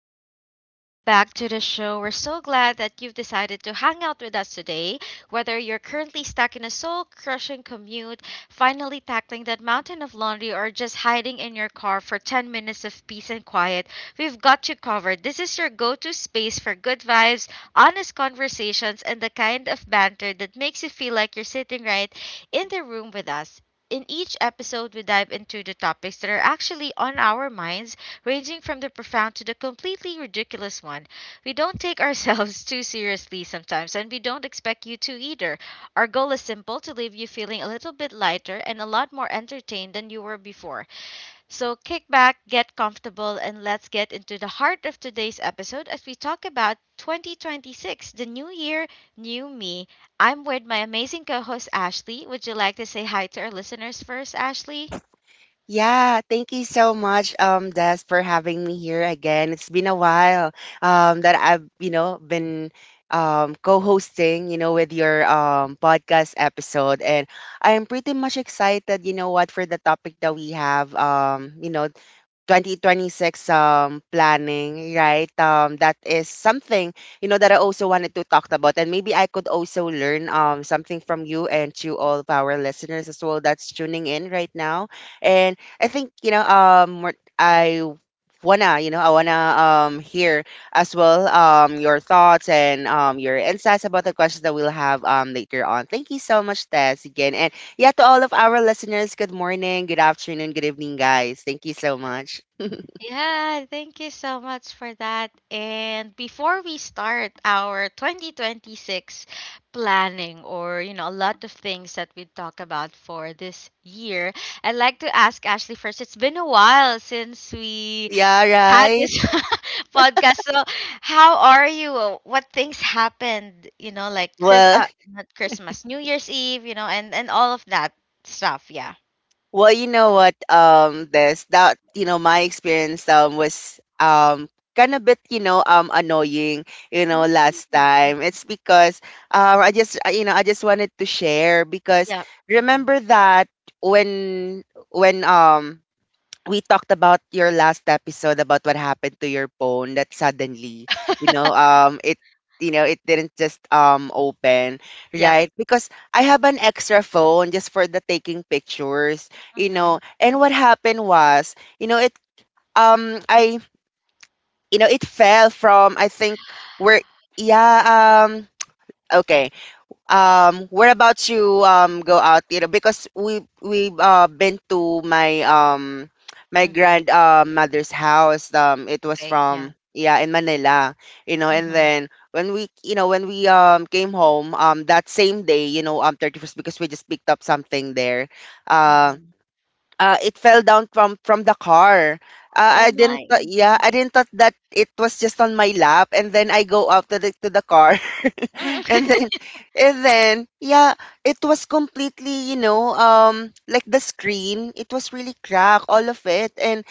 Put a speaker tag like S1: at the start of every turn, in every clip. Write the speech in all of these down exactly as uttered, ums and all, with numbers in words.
S1: everyone. Welcome back to the show. We're so glad that you've decided to hang out with us today. Whether you're currently stuck in a soul crushing commute, finally tackling that mountain of laundry, or just hiding in your car for ten minutes of peace and quiet, we've got you covered. This is your go to space for good vibes, honest conversations, and the kind of banter that makes you feel like you're sitting right in the room with us. In each episode, we dive into the topics that are actually on our minds, ranging from the profound to the completely ridiculous one. We don't take ourselves too seriously sometimes, and we don't expect you to either. Our goal is simple: to leave you feeling a little bit lighter and a lot more entertained than you were before. So kick back, get comfortable, and let's get into the heart of today's episode as we talk about twenty twenty-six, the new year, new me. I'm with my amazing co host, Ashley. Would you like to say hi to our listeners first, Ashley?
S2: Yeah, thank you so much, um, Des, for having me here again. It's been a while, um, that I've, you know, been um co-hosting, you know, with your um podcast episode. And I am pretty much excited, you know what, for the topic that we have, um, you know, twenty twenty-six um planning, right? Um that is something, you know, that I also wanted to talk about, and maybe I could also learn um something from you and to all of our listeners as well that's tuning in right now. And I think, you know, um what I wanna, you know, I wanna um hear as well um your thoughts and um your insights about the questions that we'll have um later on. Thank you so much, Tess, again. And yeah, to all of our listeners, good morning, good afternoon, good evening, guys. Thank you so much.
S1: Yeah, thank you so much for that. And before we start our twenty twenty-six planning or, you know, a lot of things that we talk about for this year, I'd like to ask Ashley first. It's been a while since we
S2: Yeah,
S1: had
S2: right.
S1: this podcast. So, how are you? Uh, What things happened, you know, like Chris
S2: Well,
S1: uh, not Christmas, New Year's Eve, you know, and and all of that stuff, yeah.
S2: well, you know what? Um, this that, you know, my experience um was um kind of bit, you know, um annoying, you know,
S1: Mm.
S2: last
S1: Mm.
S2: time. It's because um I just I- you know, I just wanted to share, because
S1: Yep. Mm-hmm.
S2: remember that when when um we talked about your last episode about what happened to your phone, that suddenly, you know, um it, you know, it didn't just um open,
S1: Yep.
S2: right? Because I have an extra phone just for the taking pictures, you
S1: Mm-hmm.
S2: know. And what happened was, you know, it um i you know it fell from, I think, where. Yeah. um okay. Um we're about to um go out, you know, because we we've uh, been to my um my
S1: Mm-hmm.
S2: grand uh, mother's house. Um it was
S1: Okay, yeah.
S2: from, yeah, in Manila, you know. And
S1: Mhm,
S2: then when we, you know, when we um came home, um that same day, you know, um thirty-first, because we just picked up something there. uh,
S1: mhm.
S2: uh it fell down from from the car. Uh,
S1: Oh
S2: I didn't
S1: my.
S2: thought- Yeah,
S1: Mhm.
S2: I didn't thought that it was just on my lap, and then I go up to the to the car. and then and then yeah, it was completely, you know, um like the screen, it was really cracked, all of it. And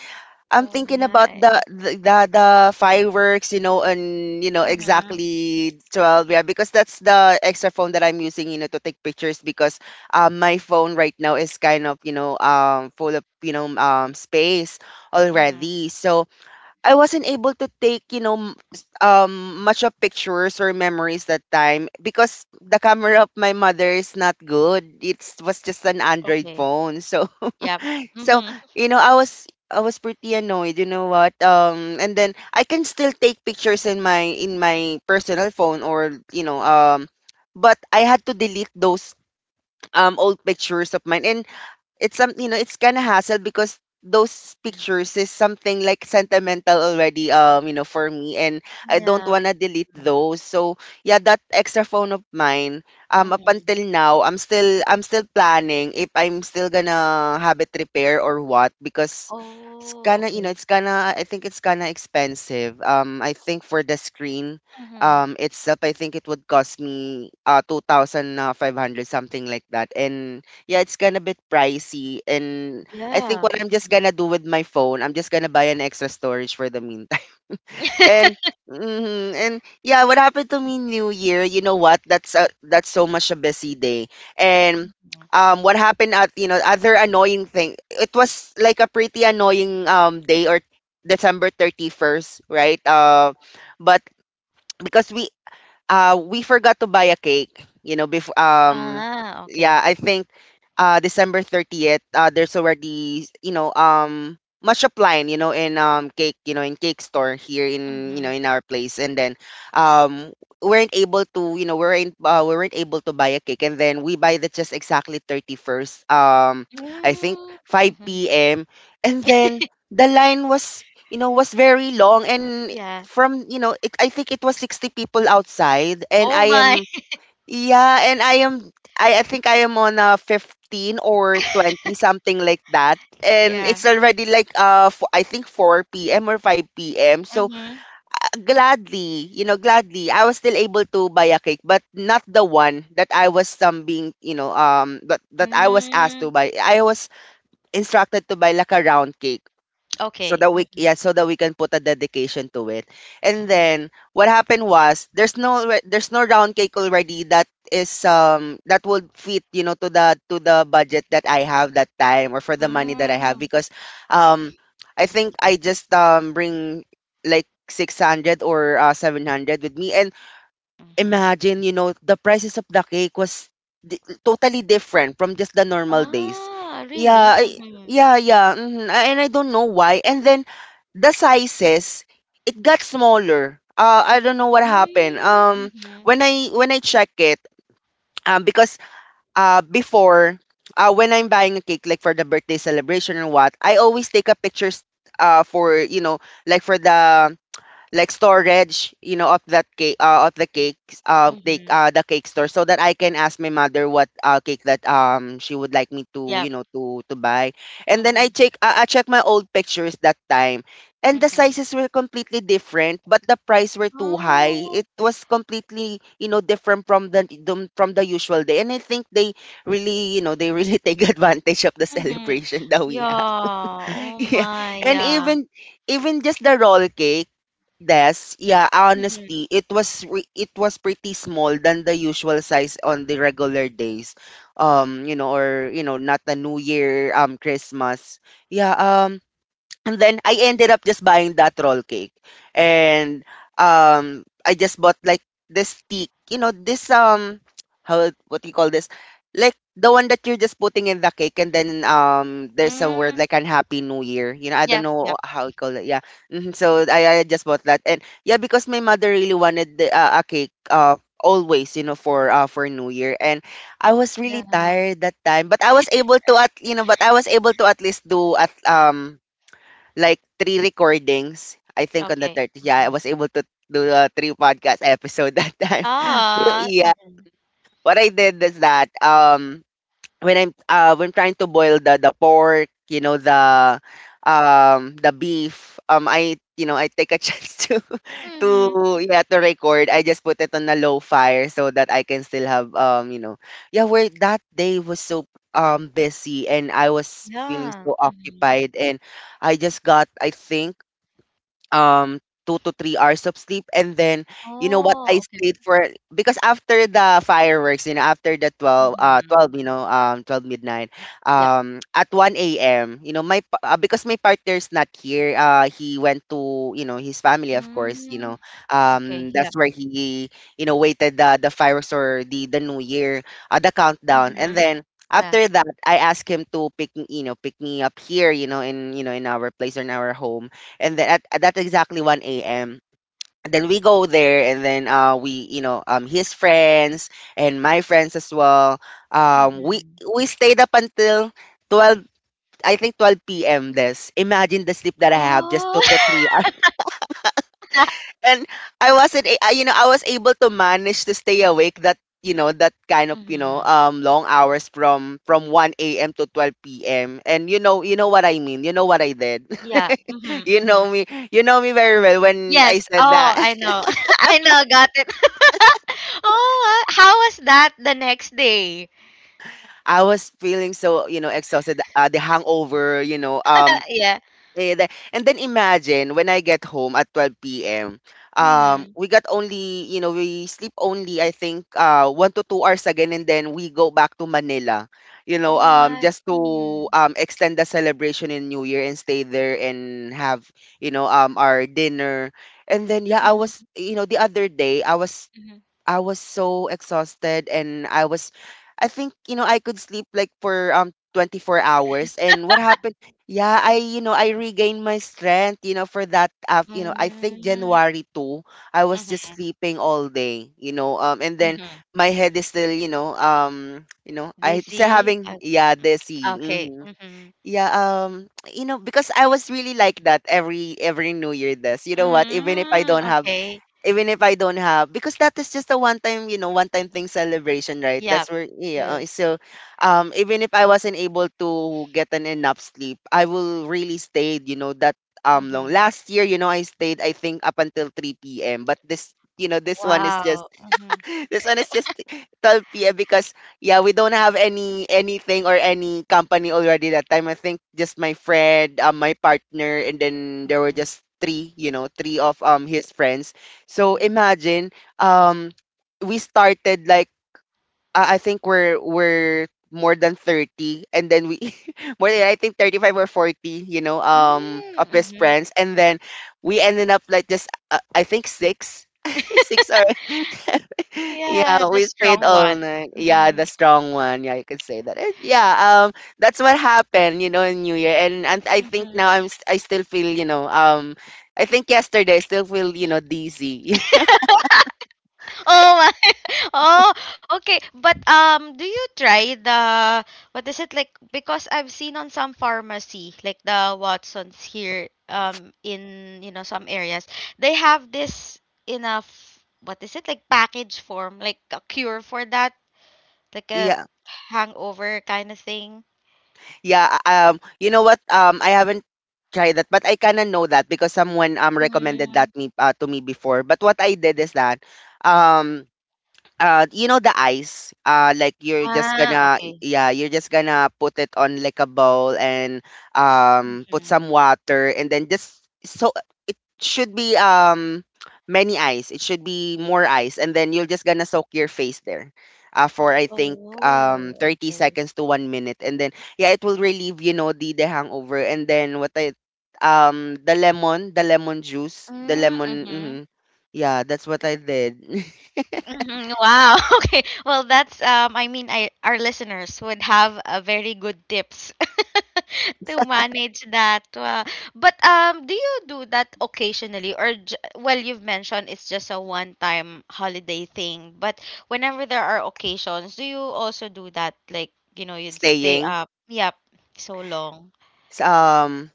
S2: I'm
S1: Oh
S2: thinking about
S1: my.
S2: the the the, the fireworks, you know. And you know
S1: Mhm,
S2: exactly twelve, yeah, because that's the extra phone that I'm using, you know, to take pictures, because um my phone right now is kind of, you know, um full of, you know, um space
S1: mhm.
S2: already. So I wasn't able to take, you know, m- s- um, much of pictures or memories that time, because the camera of my mother is not good. It was just an
S1: Okay.
S2: Android phone. So,
S1: Yep. Mhm.
S2: so, you know, I was I was pretty annoyed. You know what? Um, and then I can still take pictures in my in my personal phone, or, you know, um, but I had to delete those um old pictures of mine. And it's some, you know, it's kind of hassle, because those
S1: Mm.
S2: pictures is something like sentimental already, um you know, for me. And I don't
S1: Yeah.
S2: want to delete
S1: Mhm,
S2: those. So yeah, that extra phone of mine, um up
S1: mhm.
S2: until now, I'm still I'm still planning if I'm still gonna have it repair or what, because it's
S1: Oh,
S2: kind of you know
S1: okay.
S2: it's kind of I think it's kind of expensive. um I think for the screen
S1: Mhm.
S2: um itself, I think it would cost me uh two thousand five hundred, something like that. And yeah, it's gonna be pricey. And I think
S1: Yeah.
S2: what I'm just
S1: Mhm.
S2: gonna do with my phone, I'm just gonna buy an extra storage for the meantime. And mhm, and yeah, what happened to me New Year? You know what? That's a, that's so much a busy day. And
S1: Mhm.
S2: um, what happened at, you know, other annoying thing? It was like a pretty annoying um day, or December thirty first, right? Uh, but because we uh we forgot to buy a cake, you know, before, um
S1: Ah,
S2: yeah
S1: okay.
S2: I think, uh December thirtieth, uh there's already, you know, um much applying, you know, in um cake, you know, in cake store here in, you know,
S1: Mhm.
S2: in our place. And then um weren't able to, you know, we weren't uh, we weren't able to buy a cake. And then we buy the just exactly thirty-first, um I think
S1: Mm,
S2: five
S1: mhm.
S2: p.m. And then the line was, you know, was very long. And
S1: Yeah.
S2: from, you know, it, I think it was sixty people outside. And
S1: Oh
S2: I
S1: my.
S2: am, yeah, and i am i, I think I am on a fifteen or twenty, something like that. And
S1: Yeah.
S2: it's already like, uh f- I think, four p.m or five p.m. So,
S1: Mhm.
S2: uh, gladly, you know, gladly I was still able to buy a cake, but not the one that I was um being, you know, um that, that I was asked to
S1: Mm.
S2: buy. I was instructed to buy like a round cake, so
S1: Okay.
S2: that we, yeah,
S1: Mhm,
S2: so that we can put a dedication to it. And
S1: mhm.
S2: then what happened was, there's no re- there's no round cake already that is, um that would fit, you know, to the to the budget that I have that time, or for the money that I have,
S1: Mm.
S2: because um I think
S1: Okay.
S2: I just um bring like six hundred or uh, seven hundred with me. And
S1: Mhm.
S2: imagine, you know, the prices of the cake was di totally different from just the normal days.
S1: Ah, really?
S2: Yeah, I,
S1: Mhm.
S2: yeah, yeah, mhm, a and I don't know why. And then the sizes, it got smaller. Uh, I don't know what happened.
S1: Mm,
S2: Um,
S1: mhm,
S2: when I when I check it, um, because uh before, uh when I'm buying a cake like for the birthday celebration and what, I always take a pictures, uh for, you know, like for the, like, storage, you know, of that cake, uh, of the cakes, uh, the,
S1: mhm.
S2: uh, the cake store, so that I can ask my mother what, uh, cake that um she would like me to, you
S1: Yep.
S2: know, to to buy. And then I
S1: Mhm,
S2: check, uh, I check my old pictures that time, and the
S1: mhm.
S2: sizes were completely different, but the price were too high.
S1: Oh,
S2: It was completely, you know, different from the the- from the usual day, and I think they really, you know, they really take advantage of the
S1: mhm.
S2: celebration that we have.
S1: Yeah. Oh
S2: Yeah,
S1: my.
S2: and
S1: Yeah.
S2: even even just the roll cake. Yes, yeah,
S1: Mhm.
S2: honestly, it was re- it was pretty small than the usual size on the regular days. Um, you know, or, you know, not the New Year, um Christmas. Yeah, um and then I ended up just buying that roll cake. And um I just bought like this stick, you know, this, um how, what do you call this? Like the one that you're just putting in the cake, and then um there's a word
S1: Mm.
S2: like unhappy new year. You know, I don't
S1: Yep,
S2: know
S1: yep.
S2: how you call it. Yeah. hmm So, I, I just bought that. And yeah, because my mother really wanted the, uh, a cake, uh always, you know, for uh for New Year. And I was really
S1: Yeah.
S2: tired that time, but I was able to at you know, but I was able to at least do at um like three recordings. I think on the
S1: Okay.
S2: thirtieth, yeah, I
S1: Mhm.
S2: was able to do a three podcast episode that time. But
S1: Ah.
S2: yeah,
S1: Mhm.
S2: what I did is that, um when I'm uh when trying to boil the the pork, you know, the um the beef, um I, you know, I take a chance to
S1: Mhm.
S2: to yeah, to record. I just put it on a low fire so that I can still have, um you know, yeah, where that day was so um busy, and I was feeling
S1: Yeah.
S2: so
S1: Mhm.
S2: occupied. And I just got, I think, um two to three hours of sleep. And then, you know what, I
S1: Oh, okay.
S2: stayed for, because after the fireworks, you know, after the 12 uh
S1: Mhm.
S2: 12 you know um 12 midnight,
S1: Yep.
S2: um at one a.m. You know, my pa- uh, because my partner's not here, uh he went to, you know, his family, of course,
S1: Mm.
S2: you know,
S1: Okay.
S2: um
S1: Yep.
S2: that's where he, you know, waited the the fireworks, or the the new year, uh, the countdown. And
S1: Mhm.
S2: then
S1: Yeah.
S2: after that, I asked him to pick me, you know, pick me up here, you know, in, you know, in our place, or in our home. And then, at, at that, exactly one a m. And then we go there, and then, uh, we, you know, um, his friends and my friends as well. Um, we
S1: Mhm.
S2: we stayed up until twelve, I think twelve p m. This. Imagine the sleep that I have, just two
S1: Oh.
S2: to three. And I wasn't, a- I- you know, I was able to manage to stay awake that, you know, that kind of, you know,
S1: Mhm.
S2: um, long hours from, from one a m to twelve p m And you know, you know what I mean. You know what I did.
S1: Yeah. Mhm.
S2: you know
S1: Mhm.
S2: me. You know me very well when I
S1: Yes.
S2: said
S1: Oh,
S2: that.
S1: I know. I know. Got it. Oh, uh, how was that the next day?
S2: I was feeling so, you know, exhausted. Uh, the hangover, you know,
S1: Uh,
S2: um,
S1: yeah.
S2: Eh, the- And then imagine when I get home at twelve p m. Um,
S1: Mm-hmm.
S2: we got only, you know, we sleep only, I think, uh, one to two hours again, and then we go back to Manila, you know,
S1: Oh
S2: um,
S1: my.
S2: just to
S1: Mm-hmm.
S2: um, extend the celebration in New Year and stay there and have, you know, um, our dinner. And then, yeah, I was,
S1: Mm-hmm.
S2: you know, the other day, I was
S1: Mm-hmm.
S2: I was so exhausted and I was I think, you know, I could sleep like for um twenty-four hours. And what happened? Yeah, I, you know, I regained my strength, you know, for that af you know, I think
S1: Mm-hmm.
S2: January second, I was just
S1: Mm-hmm.
S2: sleeping all day, you know, um and then
S1: Mm-hmm.
S2: my head is still, you know, um, you know, I still
S1: Dizzy.
S2: having
S1: Uh,
S2: yeah, dizzy.
S1: okay.
S2: Mm-hmm.
S1: Mm-hmm.
S2: Yeah, um, you know, because I was really like that every every New Year this. You know what? Even if I don't
S1: Mm-hmm.
S2: have
S1: Okay.
S2: even if I don't have because that is just a one time you know one time thing celebration, right? that's
S1: Yep.
S2: where yeah uh,
S1: True.
S2: so um Even if I wasn't able to get an enough sleep, I will really stayed you know that um long.
S1: Mm-hmm.
S2: Last year, you know I stayed, I think, up until three p m But this you know this one is just
S1: Wow. Mm-hmm.
S2: this one is just twelve p m because yeah, we don't have any anything or any company already that time. I think just my friend, um, my partner, and then there were
S1: Mm-hmm.
S2: just three, you know, three of um his friends. So
S1: Mm-hmm.
S2: imagine um we started like uh, I think we're we're more than thirty, and then we more than, I think, thirty-five or forty, you know um of
S1: Mm,
S2: best
S1: Mm-hmm.
S2: friends. And then we ended up like just uh, I think six. six or Yeah,
S1: Yeah, the
S2: we stayed
S1: strong
S2: all
S1: one.
S2: night. Yeah,
S1: Mm-hmm.
S2: the strong one. Yeah, you could say that. Eh, yeah, um that's what happened, you know in New Year. And and I think
S1: Mm-hmm.
S2: now I'm s- I still feel, you know um I think yesterday, I still feel, you know dizzy.
S1: Oh my. Oh, okay. But um do you try the, what is it like, because I've seen on some pharmacy like the Watsons here, um in, you know, some areas, they have this in a f- what is it like, package form, like a cure for that, like a
S2: Yeah.
S1: hangover kind of thing.
S2: Yeah, uh, um, you know what? Um, I haven't tried that, but I kinda know that because someone um recommended that
S1: Mm.
S2: me uh, to me before. But what I did is that, um, uh you know the ice, uh like you're just
S1: Ah,
S2: gonna
S1: okay.
S2: yeah you're just gonna put it on like a bowl and um put
S1: Mhm.
S2: some water. And then, just so it should be um many ice, it should be more ice, and then you're just gonna soak your face there uh, for, I think, um
S1: Oh,
S2: thirty
S1: okay.
S2: seconds to one minute. And then yeah, it will relieve, you know the the hangover And then what I um the lemon, the lemon juice, the lemon.
S1: Mm-hmm.
S2: Mhm. Yeah, that's what I did.
S1: Hmm. Wow. Okay. Well, that's um I mean, I our listeners would have a very good tips to manage that. Wow. But um do you do that occasionally, or j- well, you've mentioned it's just a one-time holiday thing, but whenever there are occasions, do you also do that, like, you know, you'd stay
S2: Staying
S1: up, yep, so long.
S2: S um,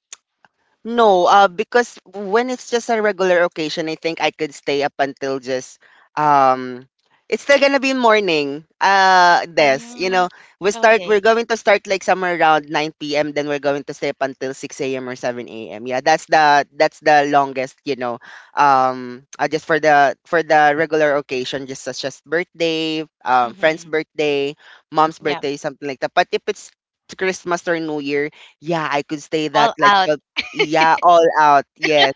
S2: no, uh, because when it's just a regular occasion, I think I could stay up until just um it's still gonna be morning. Uh this, you
S1: Mm,
S2: know, we start we're
S1: okay.
S2: going to start like somewhere around nine p m, then we're going to stay up until six a m or seven a m. Yeah, that's the that's the longest, you know. Um uh, just for the for the regular occasion, just such as birthday, um friend's
S1: Mm-hmm.
S2: birthday, mom's
S1: Yeah.
S2: birthday, something like that. But if it's Christmas or New Year, yeah, I could stay that
S1: All
S2: like
S1: out.
S2: yeah, all out. Yes.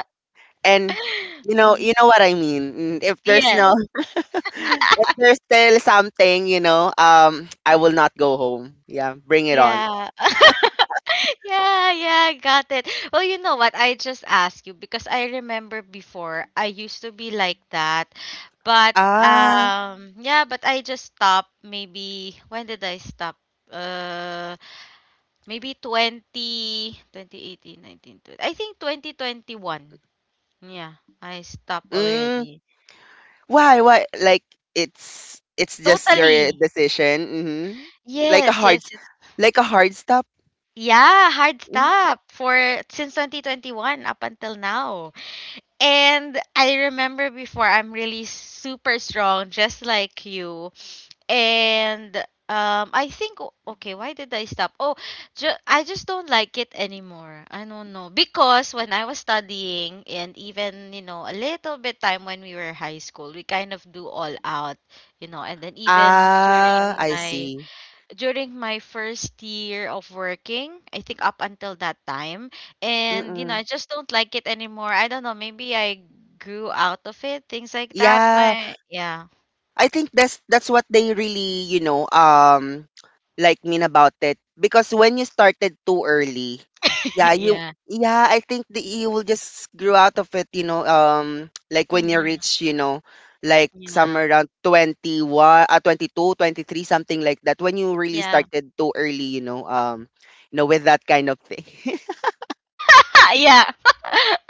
S2: And you know,
S1: Hmm.
S2: you know what I mean. Mm, if there's no
S1: Yes.
S2: if there's still something, you know, um I will not go home. Yeah, bring it on.
S1: Yeah. Yeah, yeah, I got it. Well, you know what? I just asked you because I remember before I used to be like that. But
S2: Ah.
S1: um yeah, but I just stopped. Maybe when did I stop? Uh Maybe 20 twenty eighteen, nineteen, twenty. I think twenty twenty-one. Yeah, I stopped
S2: Mm,
S1: already.
S2: why why like it's it's just your eh,
S1: Totally.
S2: decision. Mhm. Like a
S1: Yes,
S2: hard
S1: yes, yes.
S2: like a hard stop.
S1: Yeah, hard
S2: Mm.
S1: stop for, since twenty twenty-one up until now. And I remember before, I'm really super strong, just like you. And um, I think o- okay, why did I stop? Oh, ju- I just don't like it anymore. I don't know, because when I was studying, and even, you know, a little bit time when we were high school, we kind of do all out, you know, and then even
S2: Ah,
S1: during
S2: I
S1: my
S2: see.
S1: during my first year of working, I think up until that time. And, you know,
S2: Mm-mm.
S1: I just don't like it anymore. I don't know, maybe I grew out of it, things like that.
S2: Yeah.
S1: My, yeah,
S2: I think that's that's what they really, you know, um like mean about it, because when you started too early, yeah, you
S1: yeah,
S2: yeah, I think that you will just grow out of it, you know, um like when you
S1: mm-hmm.
S2: reach, you know, like
S1: Yeah,
S2: somewhere around twenty-one, uh, twenty-two, twenty-three, something like that, when you really
S1: yeah,
S2: started too early, you know, um you know with that kind of thing.
S1: yeah.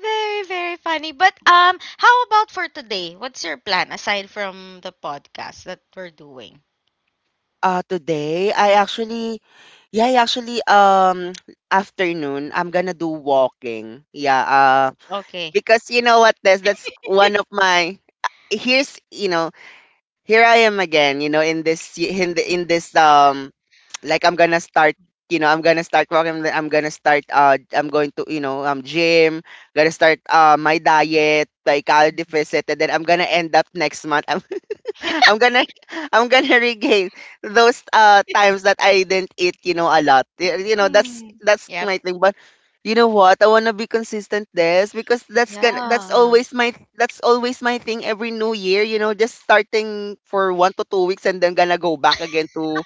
S1: Very, very funny. But um, how about for today? What's your plan aside from the podcast that we're doing?
S2: uh Today I actually yeah, I actually um afternoon, I'm gonna do walking. Yeah, uh
S1: Okay.
S2: because you know what, Des, that's one of my here's you know here I am again, you know in this in the, in this um like I'm gonna start, you know I'm gonna start working. I'm I'm gonna start, uh I'm going to, you know um gym, gonna start uh my diet, like I'll deficit, and then I'm gonna end up next month. I'm gonna I'm gonna regain those uh times that I didn't eat, you know, a lot. Y- You know, that's
S1: Mm.
S2: that's
S1: Yep.
S2: my thing. But you know what? I wanna be consistent this, because that's gonna that's
S1: Yeah.
S2: always my that's always my thing every new year, you know, just starting for one to two weeks and then gonna go back again to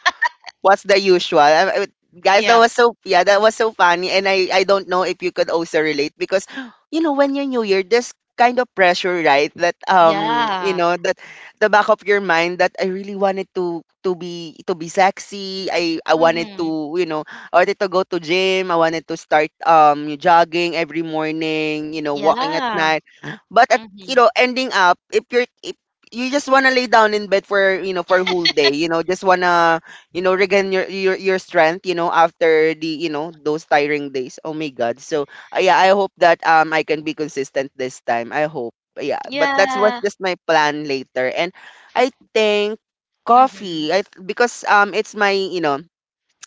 S2: what's the usual? I- I- Guys, that
S1: Yep.
S2: was so yeah, that was so funny, and I I don't know if you could also relate, because you know when you're new year, there's kind of pressure, right? That um you
S1: Yeah.
S2: know that the back of your mind that I really wanted to to be to be sexy. I I wanted
S1: Mm-hmm.
S2: to, you know I wanted to go to gym. I wanted to start um jogging every morning. You know, walking at
S1: Yeah.
S2: night, but at, you
S1: Mhm.
S2: know, ending up if you're if you just wanna lay down in bed for, you know, for a whole day. You know, just wanna, you know regain your your your strength, you know, after the, you know, those tiring days. Oh my god. So uh, yeah, I hope that um I can be consistent this time, I hope. Yeah, but that's what's
S1: Yeah.
S2: just my plan later. And I think
S1: Mhm.
S2: coffee, i th- because um it's my, you know,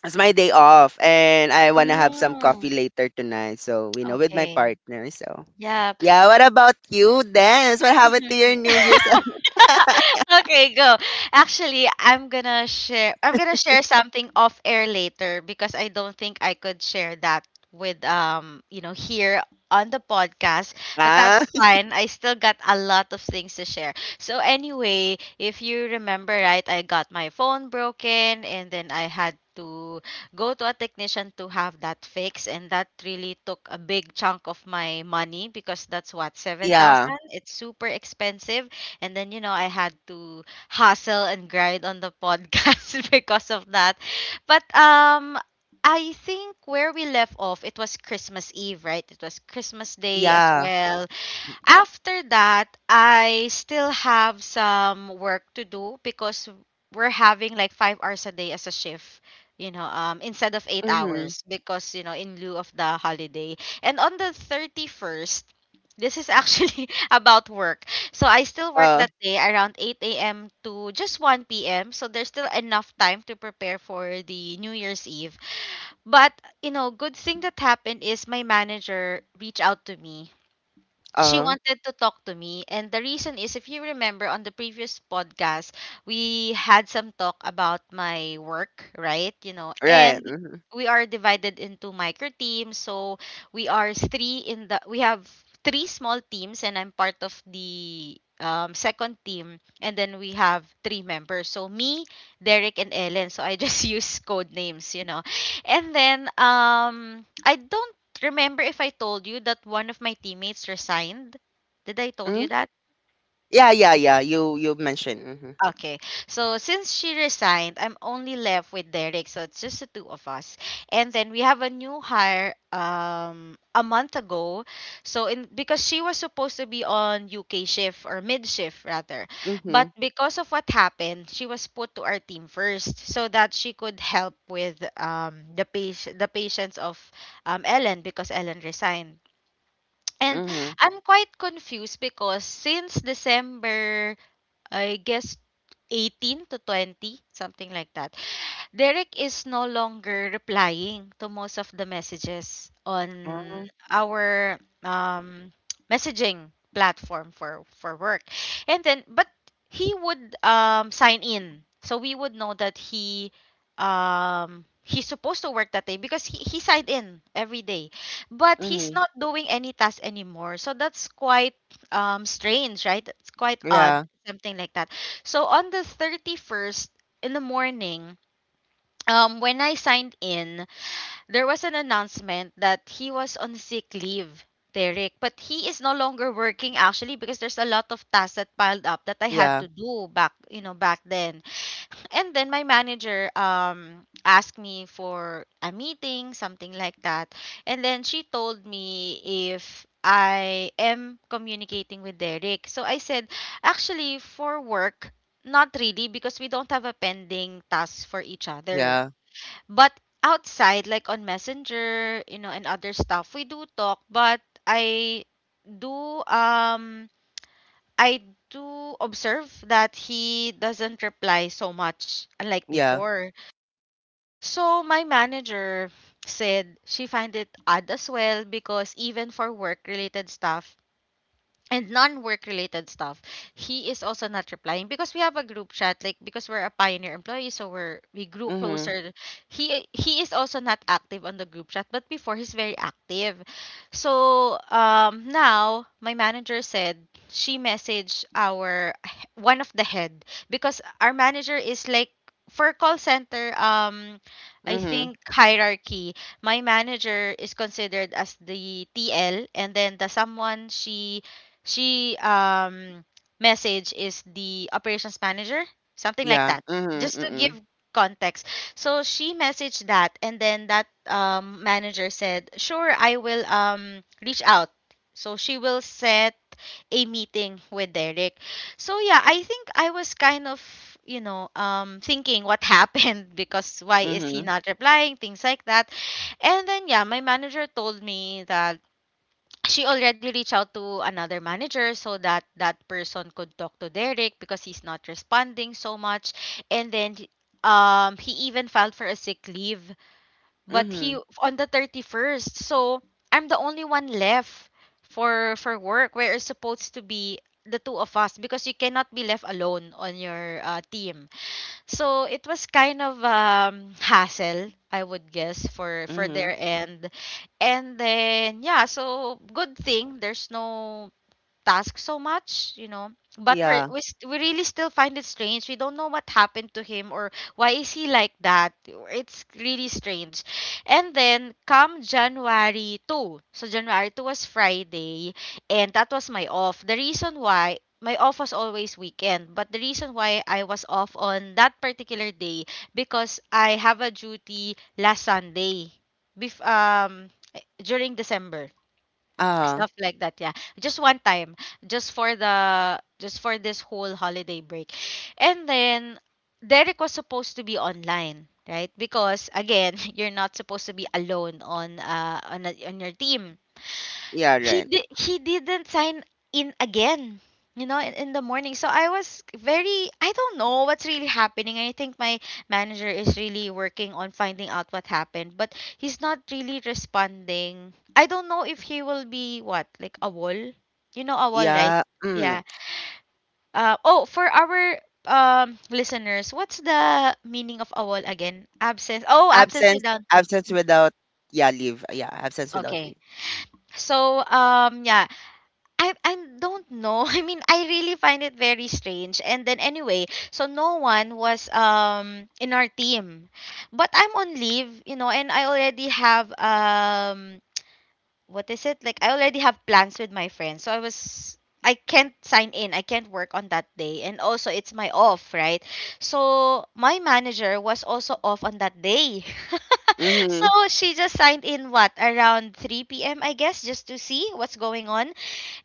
S2: it's my day off and I want to have some coffee
S1: Mm.
S2: later tonight, so, you know, with my
S1: Okay.
S2: partner. So
S1: Yeah.
S2: yeah, what about you then? What happened to your
S1: Mhm.
S2: new year's?
S1: Okay, go. Actually, I'm gonna share I'm gonna share something off air later, because I don't think I could share that with, um, you know, here on the podcast, but that's
S2: ah
S1: fine. I still got a lot of things to share. So anyway, if you remember right, I got my phone broken, and then I had to go to a technician to have that fixed, and that really took a big chunk of my money, because that's what,
S2: yeah
S1: seven thousand. It's super expensive, and then, you know, I had to hustle and grind on the podcast because of that. But um I think where we left off, it was Christmas Eve, right? It was Christmas Day as
S2: yeah
S1: well. After that, I still have some work to do, because we're having like five hours a day as a shift, you know, um, instead of eight
S2: mm-hmm.
S1: hours because, you know, in lieu of the holiday. And on the thirty first, this is actually about work. So I still work
S2: uh
S1: that day around eight a m to just one p m. So there's still enough time to prepare for the New Year's Eve. But, you know, good thing that happened is my manager reached out to me. She
S2: uh
S1: wanted to talk to me, and the reason is, if you remember, on the previous podcast we had some talk about my work, right? You know.
S2: right.
S1: And we are divided into micro teams. So we are three in the, we have three small teams, and I'm part of the, um, second team, and then we have three members. So me, Derek, and Ellen. So I just use code names, you know. And then um I don't remember if I told you that one of my teammates resigned. Did I told
S2: Mm?
S1: you that?
S2: Yeah, yeah, yeah. You you mentioned. Mhm.
S1: Okay. So since she resigned, I'm only left with Derek. So it's just the two of us. And then we have a new hire, um a month ago. So in because she was supposed to be on U K shift, or mid shift rather. But
S2: Mhm.
S1: because of what happened, she was put to our team first, so that she could help with, um the patient the patients of, um Ellen, because Ellen resigned. And
S2: Mhm.
S1: I'm quite confused because since December, I guess, eighteen to twenty, something like that, Derek is no longer replying to most of the messages on
S2: Mhm.
S1: our, um, messaging platform for for work. And then, but he would, um, sign in, so we would know that he um, he's supposed to work that day, because he he signed in every day, but he's
S2: Mhm.
S1: not doing any task anymore. So that's quite, um, strange, right? That's quite odd,
S2: Yeah.
S1: something like that. So on the thirty first in the morning, um, when I signed in, there was an announcement that he was on sick leave, Derek. But he is no longer working, actually, because there's a lot of tasks that piled up that I had
S2: Yeah.
S1: to do back, you know, back then. And then my manager um asked me for a meeting, something like that. And then she told me if I am communicating with Derek. So I said, actually, for work, not really, because we don't have a pending task for each other,
S2: Yeah.
S1: but outside, like on Messenger, you know, and other stuff, we do talk, but I do um I do observe that he doesn't reply so much unlike
S2: Yeah.
S1: before. So my manager said she find it odd as well, because even for work related stuff and non-work related stuff, he is also not replying, because we have a group chat, like, because we're a pioneer employee, so we're we grew
S2: Mhm.
S1: closer. He he is also not active on the group chat, but before, he's very active. So um now my manager said she messaged our, one of the head, because our manager is like, for call center, um I
S2: Mhm.
S1: think hierarchy, my manager is considered as the T L, and then the someone she she um message is the operations manager, something like
S2: Yeah.
S1: that.
S2: Mhm.
S1: Just to give
S2: Mhm.
S1: context. So she messaged that, and then that um manager said, "Sure, I will um reach out." So she will set a meeting with Derek. So yeah, I think I was kind of, you know, um thinking what happened because why is he
S2: Mhm.
S1: not replying, things like that. And then yeah, my manager told me that she already reached out to another manager so that that person could talk to Derek because he's not responding so much. And then um he even filed for a sick leave, but he
S2: Mhm.
S1: on the thirty-first. So I'm the only one left for for work, where it's supposed to be the two of us, because you cannot be left alone on your uh, team. So it was kind of um hassle, I would guess, for for
S2: Mhm.
S1: their end. And then yeah, so good thing there's no task so much, you know. But we're,
S2: Yeah.
S1: we st- we really still find it strange. We don't know what happened to him or why is he like that. It's really strange. And then come January second. So January second was Friday, and that was my off. The reason why my off was always weekend, but the reason why I was off on that particular day, because I have a duty last Sunday. Bef- um During December,
S2: Uh-huh.
S1: stuff like that, yeah, just one time, just for the just for this whole holiday break. And then Derek was supposed to be online, right? Because again, you're not supposed to be alone on uh on, a, on your team.
S2: Yeah,
S1: he
S2: right.
S1: did he didn't sign in again, you know, in, in the morning. So I was very I don't know what's really happening. I think my manager is really working on finding out what happened, but he's not really responding. I don't know if he will be, what, like a wall, you know, a wall, right?
S2: Yeah. Mm.
S1: Yeah. Uh, oh, for our um listeners, what's the meaning of a wall again? Absence. Oh, absence
S2: Absence
S1: without leave.
S2: absence without Yeah, leave. Yeah, absence without
S1: Okay.
S2: leave.
S1: So um yeah, I I don't know. I mean, I really find it very strange. And then anyway, so no one was um in our team. But I'm on leave, you know, and I already have um what is it like I already have plans with my friends. So i was I can't sign in, I can't work on that day, and also it's my off, right? So my manager was also off on that day. So
S2: Mhm.
S1: she just signed in, what, around three p m p.m, I guess, just to see what's going on.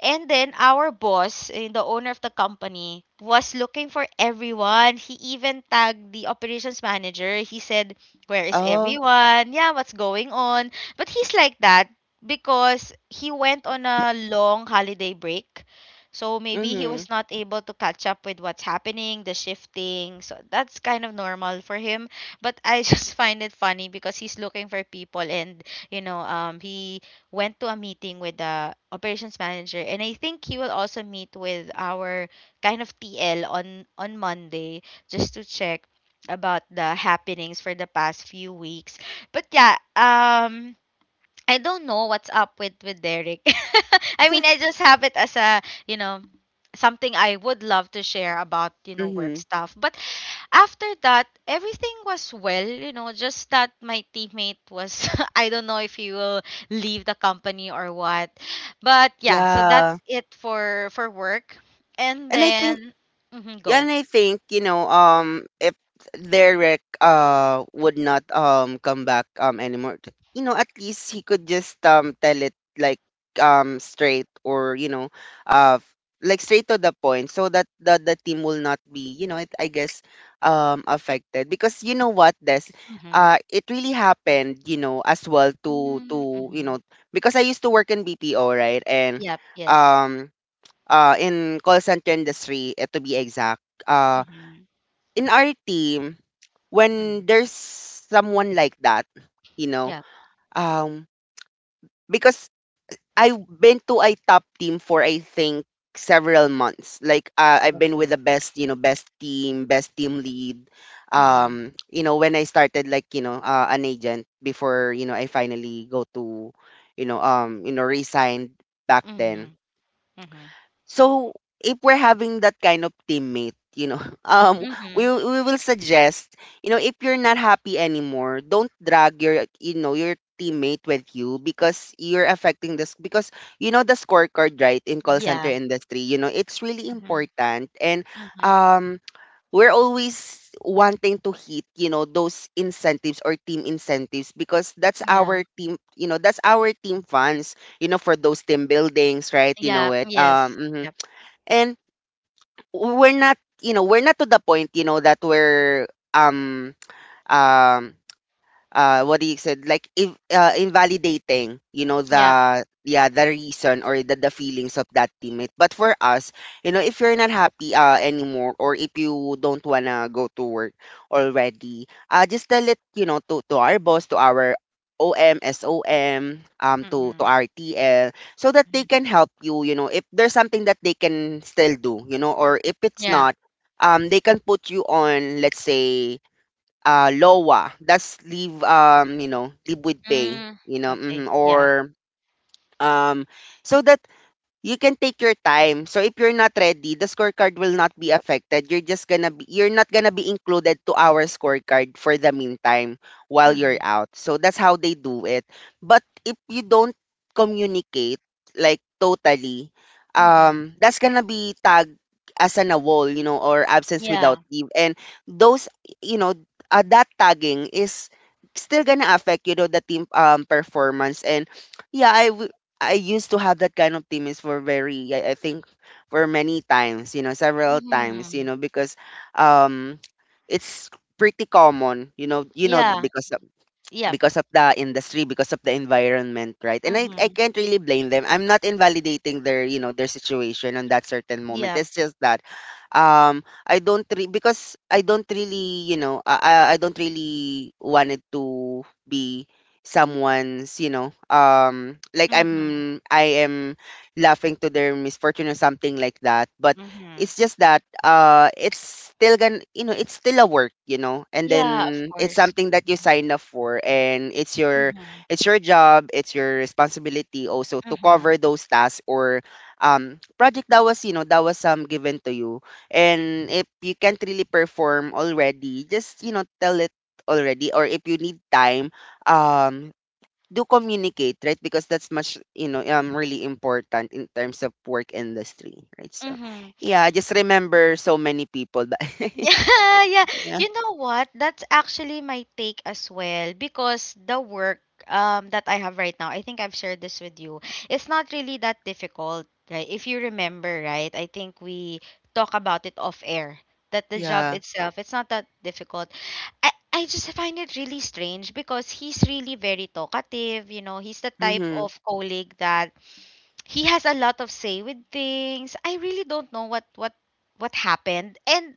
S1: And then our boss, eh, the owner of the company, was looking for everyone. He even tagged the operations manager. He said, "Where is
S2: Oh.
S1: everyone? Yeah, what's going on?" But he's like that because he went on a long holiday break. So maybe he was
S2: Mhm.
S1: not able to catch up with what's happening, the shifting. So that's kind of normal for him. But I just find it funny because he's looking for people. And you know, um he went to a meeting with the operations manager, and I think he will also meet with our kind of T L on on Monday, just to check about the happenings for the past few weeks. But yeah, um I don't know what's up with with Derek. I mean, I just have it as a, you know, something I would love to share about, you know, work
S2: Mhm.
S1: stuff. But after that, everything was well, you know, just that my teammate was I don't know if he will leave the company or what. But yeah, so that's
S2: Yeah.
S1: it for for work. And
S2: And I think
S1: then mhm,
S2: Yeah,
S1: go.
S2: and I think, you know, um, if Derek uh would not um come back um anymore, t- you know, at least he could just um tell it like um straight or, you know, uh f- like straight to the point, so that the the team will not be, you know, it, I guess, um affected. Because you know what, this
S1: Mhm.
S2: uh it really happened, you know, as well to
S1: Mm,
S2: to you
S1: mhm.
S2: know, because I used to work in B P O, right? And
S1: Yep, yes.
S2: um uh, in call center industry, eh, to be exact. Uh,
S1: Mhm.
S2: in our team,
S1: Mm.
S2: when there's someone like that, you know,
S1: Yeah,
S2: um, because I've been to a top team for I think several months. Like uh, I've been with
S1: okay.
S2: the best, you know, best team, best team lead.
S1: Mhm.
S2: Um, you know, when I started like, you know, uh, an agent before, you know, I finally go to, you know, um, you know, resigned back then.
S1: Mhm. Mhm.
S2: So if we're having that kind of teammate, you know, um, we
S1: Mhm.
S2: will- we will suggest, you know, if you're not happy anymore, don't drag your, you know, your teammate with you, because you're affecting this. Because you know the scorecard, right? In call center
S1: Yeah.
S2: industry, you know, it's really
S1: Mhm.
S2: important. And
S1: Mhm.
S2: um we're always wanting to hit, you know, those incentives or team incentives, because that's
S1: Yeah.
S2: our team, you know, that's our team funds, you know, for those team buildings, right? you know
S1: Yeah.
S2: it
S1: Yes.
S2: um
S1: Yep.
S2: And we're not, you know, we're not to the point, you know, that we're um um uh what do you say, like, if uh, invalidating, you know,
S1: Yep.
S2: the yeah, the reason or the, the feelings of that teammate. But for us, you know, if you're not happy uh anymore or if you don't wanna go to work already, uh just tell it, you know, to to our boss, to our O M S O M, um, to, to
S1: Mm-mm.
S2: R T L, so that they
S1: Mm.
S2: can help you, you know, if there's something that they can still do, you know, or if it's
S1: Yeah.
S2: not, um, they can put you on, let's say, uh L O A. That's leave, um, you know, leave with pay,
S1: Mm.
S2: you know,
S1: Okay.
S2: mhm,
S1: Yeah.
S2: or um so that you can take your time. So if you're not ready, the scorecard will not be affected. You're just gonna be, you're not gonna be included to our scorecard for the meantime while you're
S1: Mhm.
S2: out. So that's how they do it. But if you don't communicate, like, totally,
S1: Mhm.
S2: um that's gonna be tagged as an AWOL, you know, or absence without
S1: Yeah.
S2: leave. And those, you know, uh, that tagging is still gonna affect, you know, the team, um performance. And yeah, I I used to have that kind of teammates for very, I, I think, for many times, you know, several times, you
S1: Mhm.
S2: know. Because, um, it's pretty common, you know, you know,
S1: Yeah.
S2: because,
S1: Yep.
S2: because of the industry, because of the environment, right? And I, I
S1: Mhm.
S2: can't really blame them. I'm not invalidating their, you know their situation on that certain moment.
S1: Yep.
S2: It's just that, um I don't re- because I don't really you know I I I don't really wanted to be someone's, you know um like,
S1: Mhm.
S2: i'm i am laughing to their misfortune or something like that. But
S1: Mhm.
S2: it's just that, uh it's still gonna, you know, it's still a work, you know. And then
S1: Yeah, of
S2: it's
S1: course.
S2: something that you sign up for, and it's your,
S1: Mhm.
S2: it's your job, it's your responsibility also to
S1: Mhm.
S2: cover those tasks or, um project that was, you know, that was, um given to you. And if you can't really perform already, just, you know, tell it already, or if you need time, um do communicate, right? Because that's much, you know, um, really important in terms of work industry, right? So,
S1: Mhm.
S2: yeah, I just remember so many people that,
S1: Yeah, yeah.
S2: yeah,
S1: You know what? That's actually my take as well, because the work um that I have right now, I think I've shared this with you. It's not really that difficult, right? If you remember, right? I think we talk about it off air, that the job
S2: yeah,
S1: itself, it's not that difficult. I I just find it really strange because he's really very talkative, you know, he's the type
S2: mm-hmm,
S1: of colleague that he has a lot of say with things. I really don't know what what what happened. And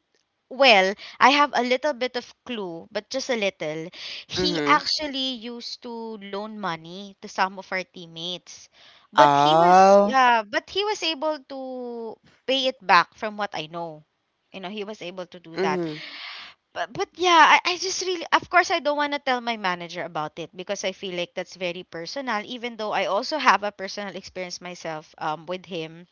S1: well, I have a little bit of clue, but just a little. He
S2: mm-hmm,
S1: actually used to loan money to some of our teammates. But he was,
S2: oh,
S1: yeah, but he was able to pay it back from what I know. You know, he was able to do that.
S2: mm-hmm,
S1: But but yeah, I, I just really, of course, I don't want to tell my manager about it because I feel like that's very personal, even though I also have a personal experience myself um with him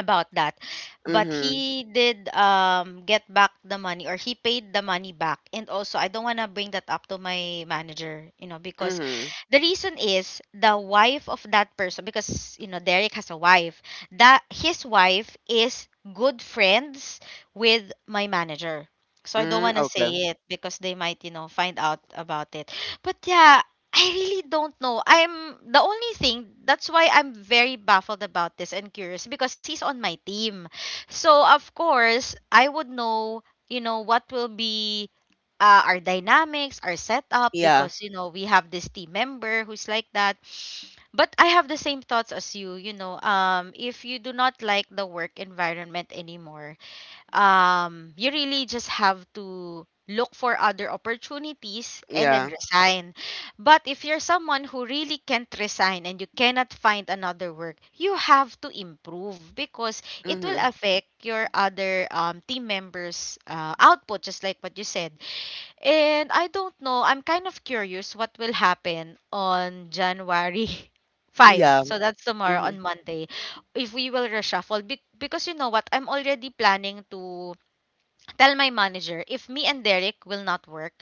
S1: about that. But
S2: mm-hmm,
S1: he did um get back the money, or he paid the money back. And also, I don't wanna bring that up to my manager, you know, because
S2: mm-hmm,
S1: the reason is the wife of that person, because you know Derek has a wife. That his wife is good friends with my manager. So I don't
S2: mm,
S1: wanna
S2: okay,
S1: say it because they might, you know, find out about it. But yeah, I really don't know. I'm the only thing, that's why I'm very baffled about this and curious, because he's on my team. So of course, I would know, you know, what will be uh, our dynamics, our setup,
S2: yeah,
S1: because you know, we have this team member who's like that. But I have the same thoughts as you, you know, um if you do not like the work environment anymore, um, you really just have to look for other opportunities and then
S2: yeah,
S1: resign. But if you're someone who really can't resign and you cannot find another work, you have to improve, because it will
S2: mm-hmm,
S1: affect your other um, team members' uh, output, just like what you said. And I don't know, I'm kind of curious what will happen on January
S2: yeah,
S1: fifth. So that's tomorrow,
S2: mm-hmm,
S1: on Monday, if we will reshuffle be- because, you know what, I'm already planning to tell my manager, if me and Derek will not work,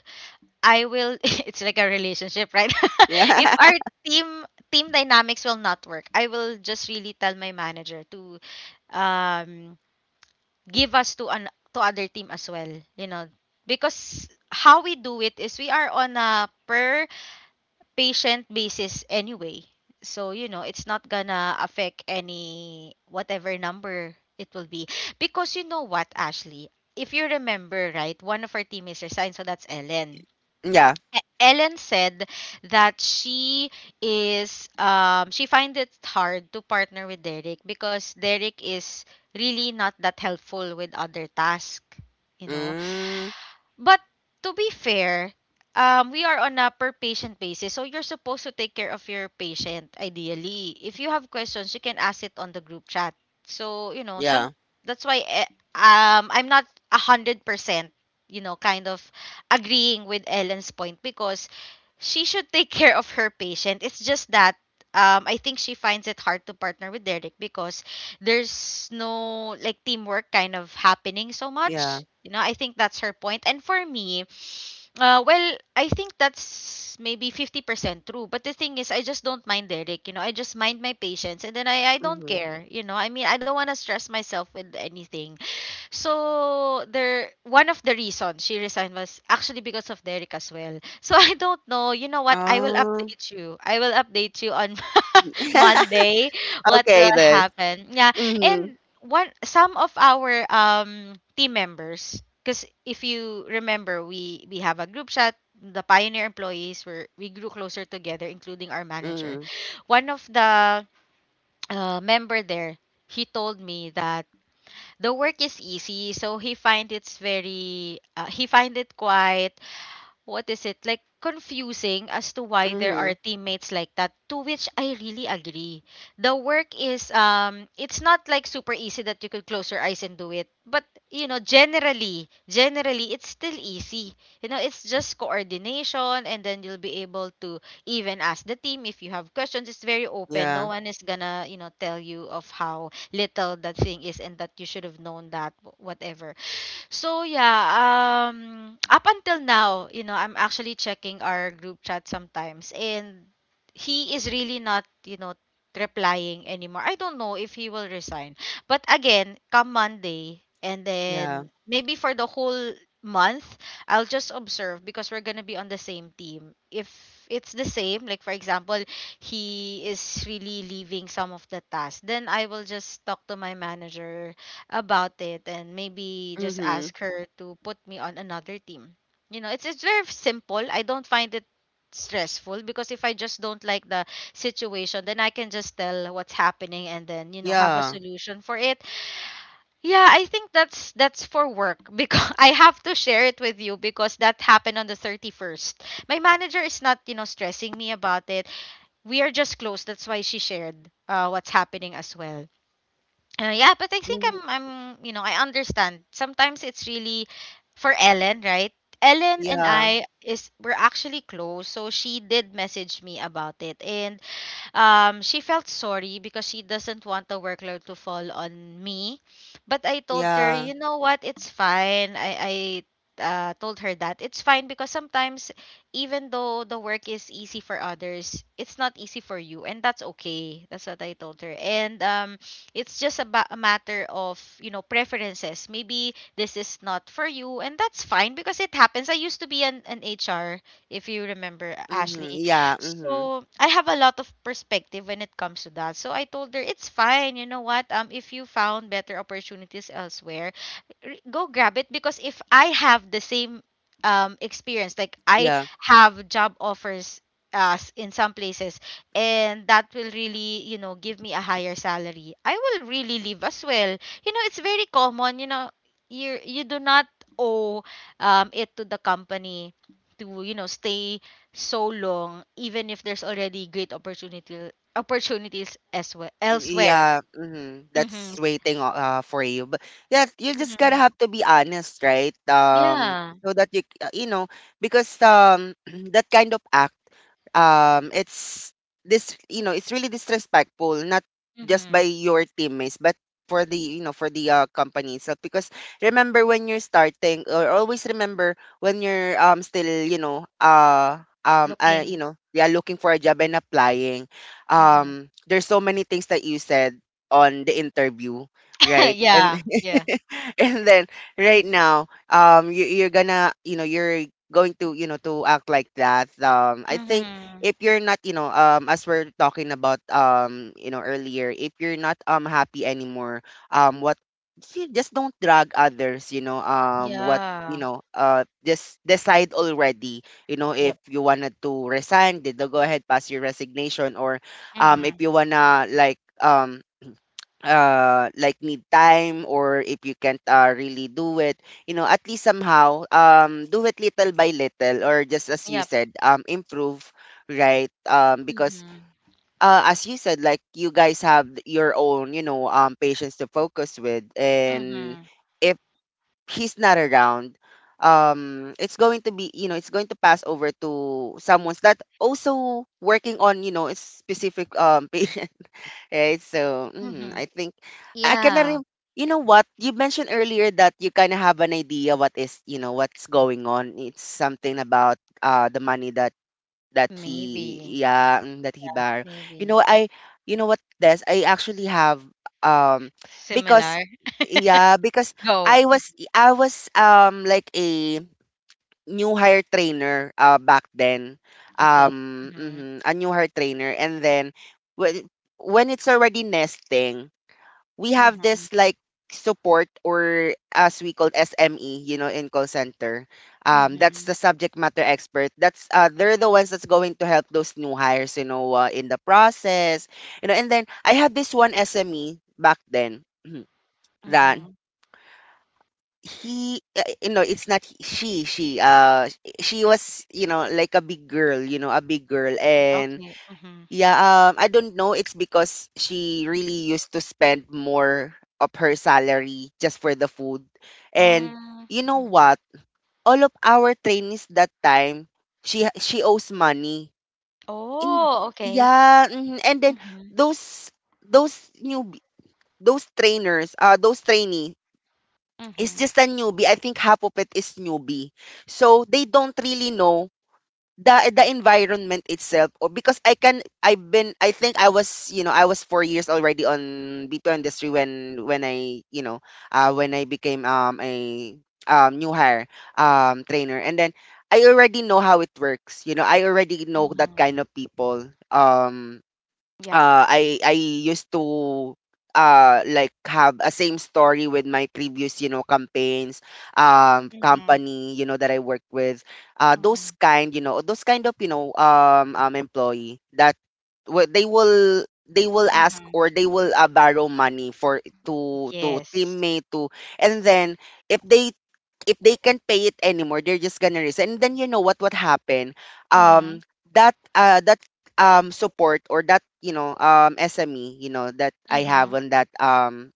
S1: I will it's like a relationship, right? If
S2: yeah,
S1: our team team dynamics will not work, I will just really tell my manager to um give us to an to other team as well, you know, because how we do it is we are on a per patient basis anyway. So, you know, it's not gonna affect any, whatever number it will be. Because you know what, Ashley? If you remember, right, one of our teammates resigned, so that's Ellen.
S2: yeah,
S1: E- Ellen said that she is um she finds it hard to partner with Derek because Derek is really not that helpful with other tasks, you know.
S2: mm,
S1: But to be fair, um, we are on a per patient basis. So you're supposed to take care of your patient ideally. If you have questions, you can ask it on the group chat. So, you know, some
S2: yeah,
S1: that's why, eh, um I'm not a hundred percent, you know, kind of agreeing with Ellen's point, because she should take care of her patient. It's just that um, I think she finds it hard to partner with Derek because there's no like teamwork kind of happening so
S2: yeah,
S1: much. You know, I think that's her point. And for me, uh, well, I think that's maybe fifty percent true. But the thing is, I just don't mind Derek. You know, I just mind my patients, and then I, I don't
S2: mm-hmm,
S1: care. You know, I mean, I don't want to stress myself with anything. So there, one of the reasons she resigned was actually because of Derek as well. So I don't know. You know what? I will
S2: oh,
S1: update you. I will update you on Monday what
S2: okay,
S1: will
S2: this,
S1: happen. Yeah.
S2: mm-hmm,
S1: And one some of our um team members, because if you remember, we we have a group chat, the pioneer employees were we grew closer together, including our manager,
S2: mm-hmm,
S1: one of the uh, member there, he told me that the work is easy, so he find it's very uh, he find it quite, what is it like confusing, as to why there are
S2: mm-hmm,
S1: teammates like that, to which I really agree. The work is um it's not like super easy that you could close your eyes and do it, but you know, generally generally it's still easy. You know, it's just coordination, and then you'll be able to even ask the team if you have questions. It's very open, no
S2: yeah,
S1: one is gonna, you know, tell you of how little that thing is and that you should have known that, wh- whatever. So yeah, um up until now, you know, I'm actually checking our group chat sometimes, and he is really not, you know, replying anymore. I don't know if he will resign. But again, come Monday, and
S2: yeah.
S1: then maybe for the whole month, I'll just observe because we're going to be on the same team. If it's the same, like for example, he is really leaving some of the tasks, then I will just talk to my manager about it and maybe just
S2: Mhm.
S1: ask her to put me on another team. You know, it's it's very simple. I don't find it stressful because if I just don't like the situation, then I can just tell what's happening and then, you know, have a
S2: Yeah.
S1: solution for it. Yeah, I think that's that's for work because I have to share it with you because that happened on the thirty-first. My manager is not, you know, stressing me about it. We are just close. That's why she shared uh, what's happening as well. Uh, yeah, but I think
S2: Mhm.
S1: I'm I'm you know, I understand. Sometimes it's really for Ellen, right? Ellen and
S2: Yeah.
S1: I is, we're actually close, so she did message me about it. And um, she felt sorry because she doesn't want the workload to fall on me. But I told her,
S2: Yeah.
S1: you know what, it's fine. I, I uh, told her that it's fine because sometimes, even though the work is easy for others, it's not easy for you, and that's okay. That's what I told her. And um, it's just about a matter of you know preferences. Maybe this is not for you, and that's fine because it happens. I used to be an, an H R, if you remember,
S2: Mhm.
S1: Ashley.
S2: Yeah. Mhm.
S1: So I have a lot of perspective when it comes to that. So I told her it's fine. You know what? Um, if you found better opportunities elsewhere, r- go grab it, because if I have the same um experience, like I
S2: Yeah.
S1: have job offers uh s- in some places and that will really, you know give me a higher salary, I will really leave as well. you know it's very common you know you you do not owe um it to the company, to you know stay so long, even if there's already great opportunity opportunities as well
S2: Y-
S1: elsewhere.
S2: Yeah. Mhm.
S1: Mm-hmm.
S2: That's waiting o- uh for you. But yeah, you just gotta
S1: Mm-hmm.
S2: have to be honest, right? Um,
S1: Yeah.
S2: so that you c- uh, you know, because, um that kind of, um it's, this you know, it's really disrespectful, not just by
S1: Mm-hmm.
S2: your teammates, but for the, you know for the, uh, company itself. Because remember when you're starting, or always remember when you're, um still, you know uh um uh,
S1: Looking.
S2: you know, yeah, looking for a job and applying,
S1: Mm-hmm.
S2: um there's so many things that you said on the interview, right? And
S1: Yeah, yeah.
S2: and then right now, um you, you're gonna, you know you're going to, you know to act like that. um I think,
S1: Mm-hmm.
S2: if you're not, you know um as we're talking about, um you know, earlier, if you're not, um happy anymore, um what see, just don't drag others, you know um what you
S1: Yeah.
S2: know, uh just decide already. You know, if
S1: Yep.
S2: you wanted to resign, did go ahead, pass your resignation, or, um if
S1: Mm-hmm.
S2: you wanna, like, um uh like need time, or if you can't, uh, really do it, you know, at least somehow, um do it little by little, or just as you
S1: Yep.
S2: said, um improve, right? um because,
S1: Mm-hmm.
S2: uh as you said, like, you guys have your own, you know um patients to focus with. And
S1: Mm-hmm.
S2: if he's not around, um it's going to be, you know, it's going to pass over to someone's that also working on, you know, a specific, um patient, right? So, mhm,
S1: Mm-hmm.
S2: I think, I can
S1: Yeah,
S2: rem- you know what you mentioned earlier, that you kind of have an idea what is, you know, what's going on. It's something about, uh the money that, that
S1: maybe.
S2: he, yeah, mm, that he
S1: Yeah,
S2: borrowed. You know,
S1: maybe.
S2: I you know what, this I actually have, um because,
S1: Similar.
S2: yeah, because
S1: Go.
S2: I was I was, um like, a new hire trainer, uh, back then.
S1: Okay.
S2: Um,
S1: Mm-hmm.
S2: mhm, a new hire trainer. And then when, when it's already nesting, we have
S1: Mm-hmm.
S2: this, like, support, or as we call, S M E, you know, in call center. Um, that's
S1: Mm-hmm.
S2: the subject matter expert. That's, uh, they're the ones that's going to help those new hires, you know, uh, in the process, you know. And then I have this one S M E back then, that,
S1: Mm-hmm.
S2: he uh, you know it's not he- she she uh she was, you know, like, a big girl, you know, a big girl. And
S1: Okay. Mm-hmm.
S2: yeah, um, I don't know, it's because she really used to spend more of her salary just for the food. And you know
S1: Mm-hmm.
S2: what, all of our trainees that time, she ha- she owes money in,
S1: Oh, okay.
S2: yeah, mhm. and then
S1: Mhm,
S2: those those new those trainers uh those trainee is
S1: mhm,
S2: just a newbie. I think half of it is newbie. So they don't really know the the environment itself. Or, because I can, I've been, I think I was, you know, I was four years already on B P O industry, when, when I, you know, uh when I became, um a, um new hire, um trainer. And then I already know how it works, you know, I already know that
S1: mhm.
S2: kind of people. Um,
S1: Yep.
S2: uh, I I used to, uh like, have a same story with my previous, you know, campaigns, um
S1: Mhm,
S2: company, you know, that I worked with. Uh,
S1: mhm,
S2: those kind, you know, those kind of, you know um um employee, that, w- they will they will ask,
S1: mhm.
S2: or they will, uh, borrow money for, to, to
S1: Yes.
S2: teammate to. And then, if they if they can't pay it anymore, they're just gonna resign. And then you know what would happen? Um,
S1: Mhm,
S2: that, uh that um, support, or that, you know, um, S M E, you know, that I have
S1: mhm.
S2: on that, um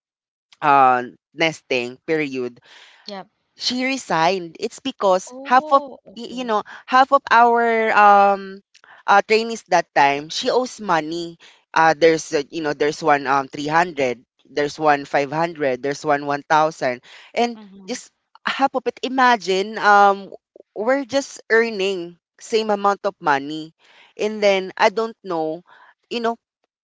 S2: uh, nesting period.
S1: Yep.
S2: She resigned. It's because half of,
S1: Oh,
S2: y- you
S1: okay.
S2: know, half of our, um uh, trainees that time, she owes money. Uh, there's, uh, you know, there's one, um, three hundred, there's one five hundred, there's one one thousand, and
S1: Mhm,
S2: just half of it. Imagine, um, we're just earning same amount of money, and then I don't know. You know,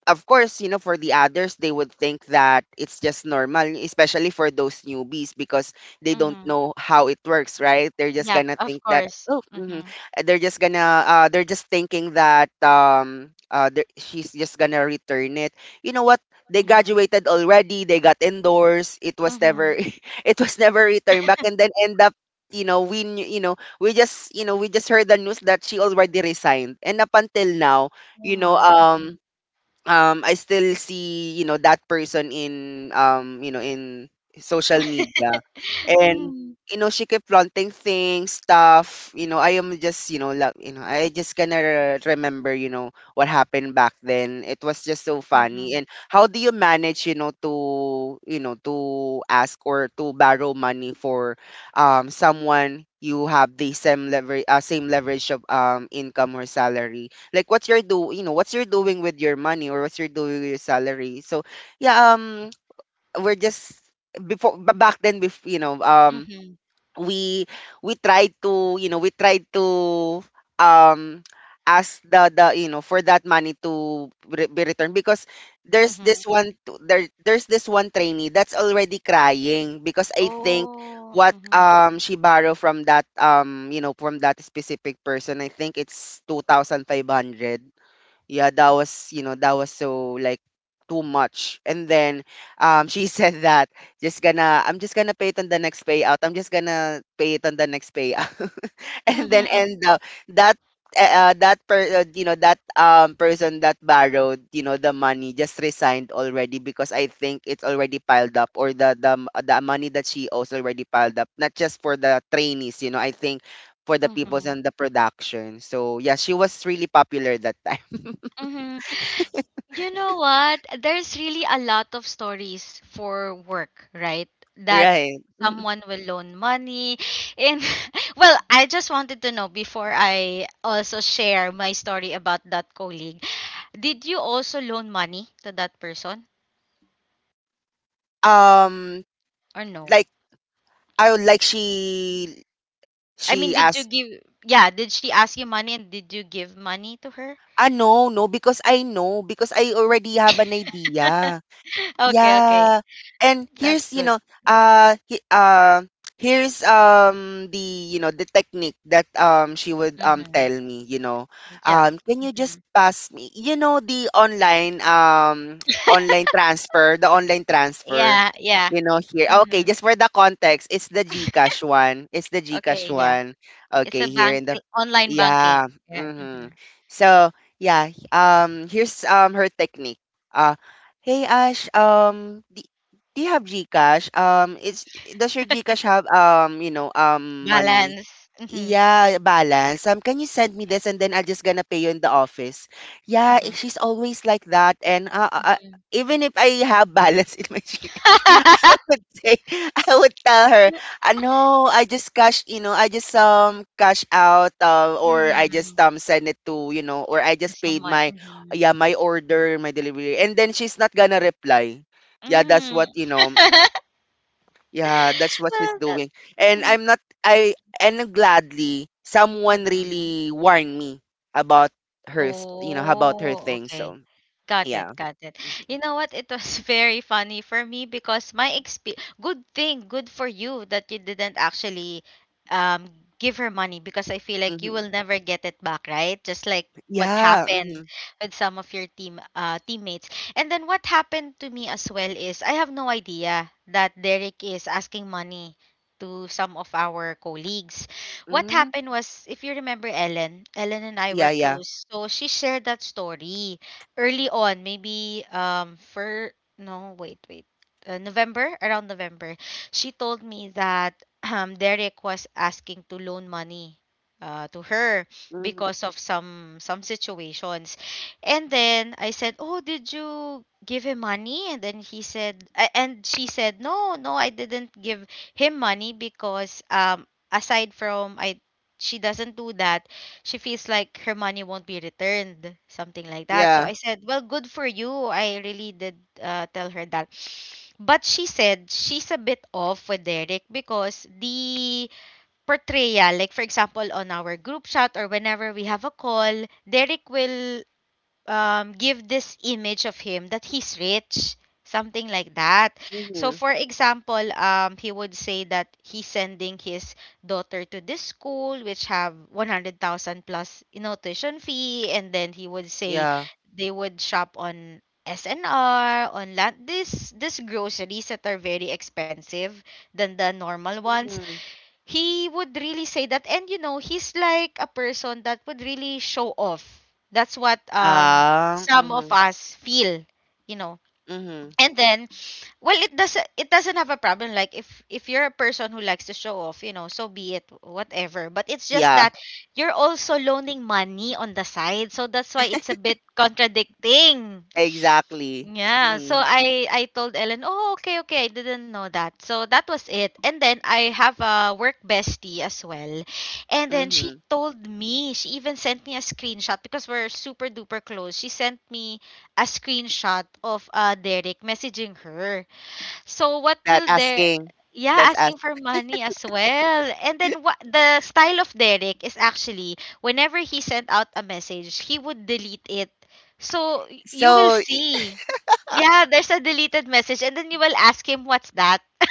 S2: of course, you know, for the others, they would think that it's just normal, especially for those newbies, because they don't
S1: mhm.
S2: know how it works, right? They're just
S1: Yep,
S2: gonna
S1: of
S2: think that,
S1: course.
S2: oh, mhm."
S1: Mhm,
S2: Uh, they're just gonna, uh, they're just thinking that, um uh, they're- she's just gonna return it. You know what? They
S1: mhm,
S2: graduated already. They got indoors. It was
S1: mhm.
S2: never, it was never returned back, and then end up. You know, we knew- you know, we just, you know we just heard the news that she already resigned. And up until now,
S1: Oh
S2: you know,
S1: my.
S2: um,
S1: Mhm.
S2: um, I still see, you know, that person in, um, you know, in social media. And
S1: Mhm,
S2: you know, she kept flaunting things, stuff, you know, I am just, you know, like, you know, I just gonna re- remember, you know, what happened back then. It was just so funny.
S1: mhm,
S2: And how do you manage, you know, to, you know, to ask or to borrow money for, um someone you have the same leverage, uh, same leverage of, um income or salary. Like, what's your, do you know what's you're doing with your money, or what's you're doing with your salary? So yeah, um, we're just before, ba- back then, before, you know um
S1: mhm,
S2: we we tried to you know we tried to, um ask the the you know, for that money to, re- be returned. Because there's
S1: mhm.
S2: this one, t- there there's this one trainee that's already crying, because I think,
S1: Oh,
S2: what
S1: mhm,
S2: um she borrowed from that, um, you know, from that specific person, I think it's two thousand five hundred. Yeah, that was, you know, that was so, like, too much. And then, um, she said that, just gonna I'm just gonna pay it on the next payout, I'm just gonna pay it on the next payout and then
S1: mhm,
S2: end up that, uh, uh, that, per, uh, you know, that, um, person that borrowed, you know, the money just resigned already, because I think it's already piled up, or the the, m- the money that she owes already piled up, not just for the trainees, you know, I think for the peoples
S1: mhm,
S2: and the production. So yeah, she was really popular that, time.
S1: mhm. You know what? There's really a lot of stories for work, right? That
S2: Right.
S1: someone will loan money. And well, I just wanted to know before I also share my story about that colleague. Did you also loan money to that person
S2: Um,
S1: or no?
S2: like I like, she
S1: I mean,
S2: she
S1: did you
S2: asked,
S1: give, yeah, did she ask you money, and did you give money to her?
S2: ah, no, no, because I know, because I already have an idea.
S1: Okay, okay.
S2: Yeah. And
S1: That's
S2: here's, you
S1: good.
S2: know, uh, he, uh, here's, um, the, you know, the technique that, um, she would, um,
S1: Mm-hmm.
S2: tell me, you know.
S1: Yep.
S2: Um, can you
S1: Mm-hmm.
S2: just pass me, you know, the online, um online transfer, the online transfer,
S1: Yeah, yeah.
S2: you know, here. Okay,
S1: Mm-hmm.
S2: just for the context, it's the GCash one. It's the
S1: Okay,
S2: GCash
S1: yeah.
S2: one.
S1: It's
S2: Okay,
S1: a
S2: here
S1: bank
S2: in the,
S1: eh, online banking.
S2: yeah.
S1: Yeah,
S2: Mm-hmm.
S1: mhm.
S2: So, yeah, um, here's um her technique. Uh, Hey Ash, um, do, do you have GCash? Um, it's, does your GCash have, um, you know, um, money?
S1: Balance. Mhm,
S2: Yeah, balance. Um, can you send me this and then I'll just gonna pay you in the office? Yeah,
S1: mhm,
S2: eh, she's always like that. And uh, uh, uh,
S1: mhm.
S2: even if I have balance in my Gcash,
S1: Mhm.
S2: I would say, I would tell her, uh, no, I just cash, you know, I just um cash out uh, or I just um send it to, you know, or I
S1: To
S2: just paid
S1: someone.
S2: my,
S1: Mhm.
S2: yeah, my order, my delivery. And then she's not gonna reply. Yeah, that's what,
S1: Mm.
S2: you know. Yeah, that's what she's
S1: Well, that.
S2: doing. And
S1: Mhm,
S2: I'm not I and gladly someone
S1: mhm.
S2: really warned me about her, s- you know, about her
S1: Oh,
S2: thing.
S1: okay.
S2: So,
S1: Got it,
S2: yeah.
S1: got it.
S2: Mm-hmm.
S1: You know what? It was very funny for me because my exp good thing, good for you that you didn't actually um give her money, because I feel like you
S2: Hmm.
S1: will never get it back, right? Just like what
S2: Yeah. Mm-hmm.
S1: happened with some of your team uh teammates. And then what happened to me as well is I have no idea that Derek is asking money to some of our colleagues. What
S2: Mm-hmm.
S1: happened was, if you remember Ellen, Ellen and I
S2: Yeah,
S1: were
S2: yeah.
S1: close. So she shared that story early on, maybe um for no wait wait uh, November, around November. She told me that um Derek was asking to loan money uh to her
S2: Mm-hmm.
S1: because of some some situations, and then I said, oh, did you give him money? And then he said, a- and she said, no, no, I didn't give him money, because um aside from I she doesn't do that, she feels like her money won't be returned, something like that. So
S2: Yeah.
S1: I said, well, good for you. I really did uh, tell her that. But she said she's a bit off with Derek because the portrayal, like, for example, on our group chat or whenever we have a call, Derek will um, give this image of him that he's rich, something like that. So,
S2: Mm-hmm.
S1: for example, um, he would say that he's sending his daughter to this school which have one hundred thousand plus, you know, tuition fee, and then he would say
S2: Yeah.
S1: they would shop on S N R on land, this this groceries that are very expensive than the normal ones.
S2: Mm-hmm.
S1: He would really say that, and you know he's like a person that would really show off. That's what um
S2: Ah.
S1: some of
S2: Mm-hmm.
S1: us feel you know
S2: Mm-hmm.
S1: and then, well, it doesn't it doesn't have a problem. Like, if if you're a person who likes to show off, you know so be it, whatever. But it's just
S2: Yeah,
S1: that you're also loaning money on the side, so that's why it's a bit contradicting.
S2: exactly.
S1: Yeah, so
S2: Mm-hmm.
S1: I I told Ellen, "Oh, okay, okay. I didn't know that." So that was it. And then I have a work bestie as well. And then
S2: Mm-hmm.
S1: she told me, she even sent me a screenshot, because we're super duper close. She sent me a screenshot of uh, Derek messaging her. So what
S2: That
S1: will there
S2: asking.
S1: Yeah,
S2: That's ask.
S1: asking for money as well. And then what the style of Derek is actually, whenever he sent out a message, he would delete it. So y- you will
S2: So,
S1: see. Yeah, there's a deleted message and then you will ask him what's that.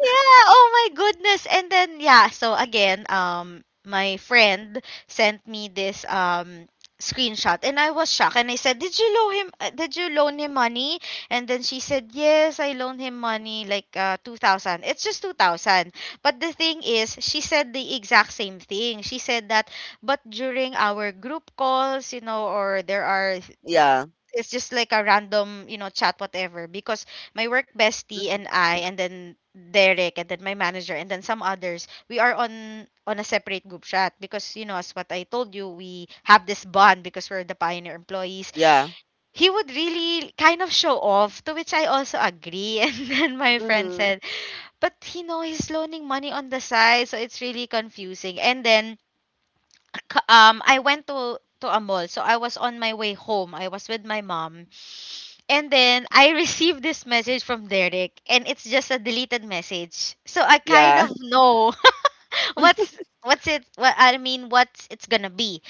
S1: Yeah, oh my goodness. And then, yeah, so again, um my friend sent me this um screenshot, and I was shocked and I said, "Did you loan him uh, did you loan him money?" And then she said, "Yes, I loaned him money like uh two thousand. It's just two thousand." But the thing is, she said the exact same thing. She said that, but during our group calls, you know, or there are
S2: yeah.
S1: it's just like a random, you know, chat, whatever, because my work bestie
S2: Mm-hmm.
S1: and I, and then Derek, and then my manager, and then some others, we are on on a separate group chat because, you know, as what I told you, we have this bond because we're the pioneer employees.
S2: Yeah.
S1: He would really kind of show off, to which I also agree. And then my friend
S2: Mm-hmm.
S1: said, but you know he's loaning money on the side, so it's really confusing. And then c- um I went to to a mall, so I was on my way home, I was with my mom, and then I received this message from Derek, and it's just a deleted message. So I kind
S2: Yeah.
S1: of know what's what's it. What I mean, what's it's gonna be.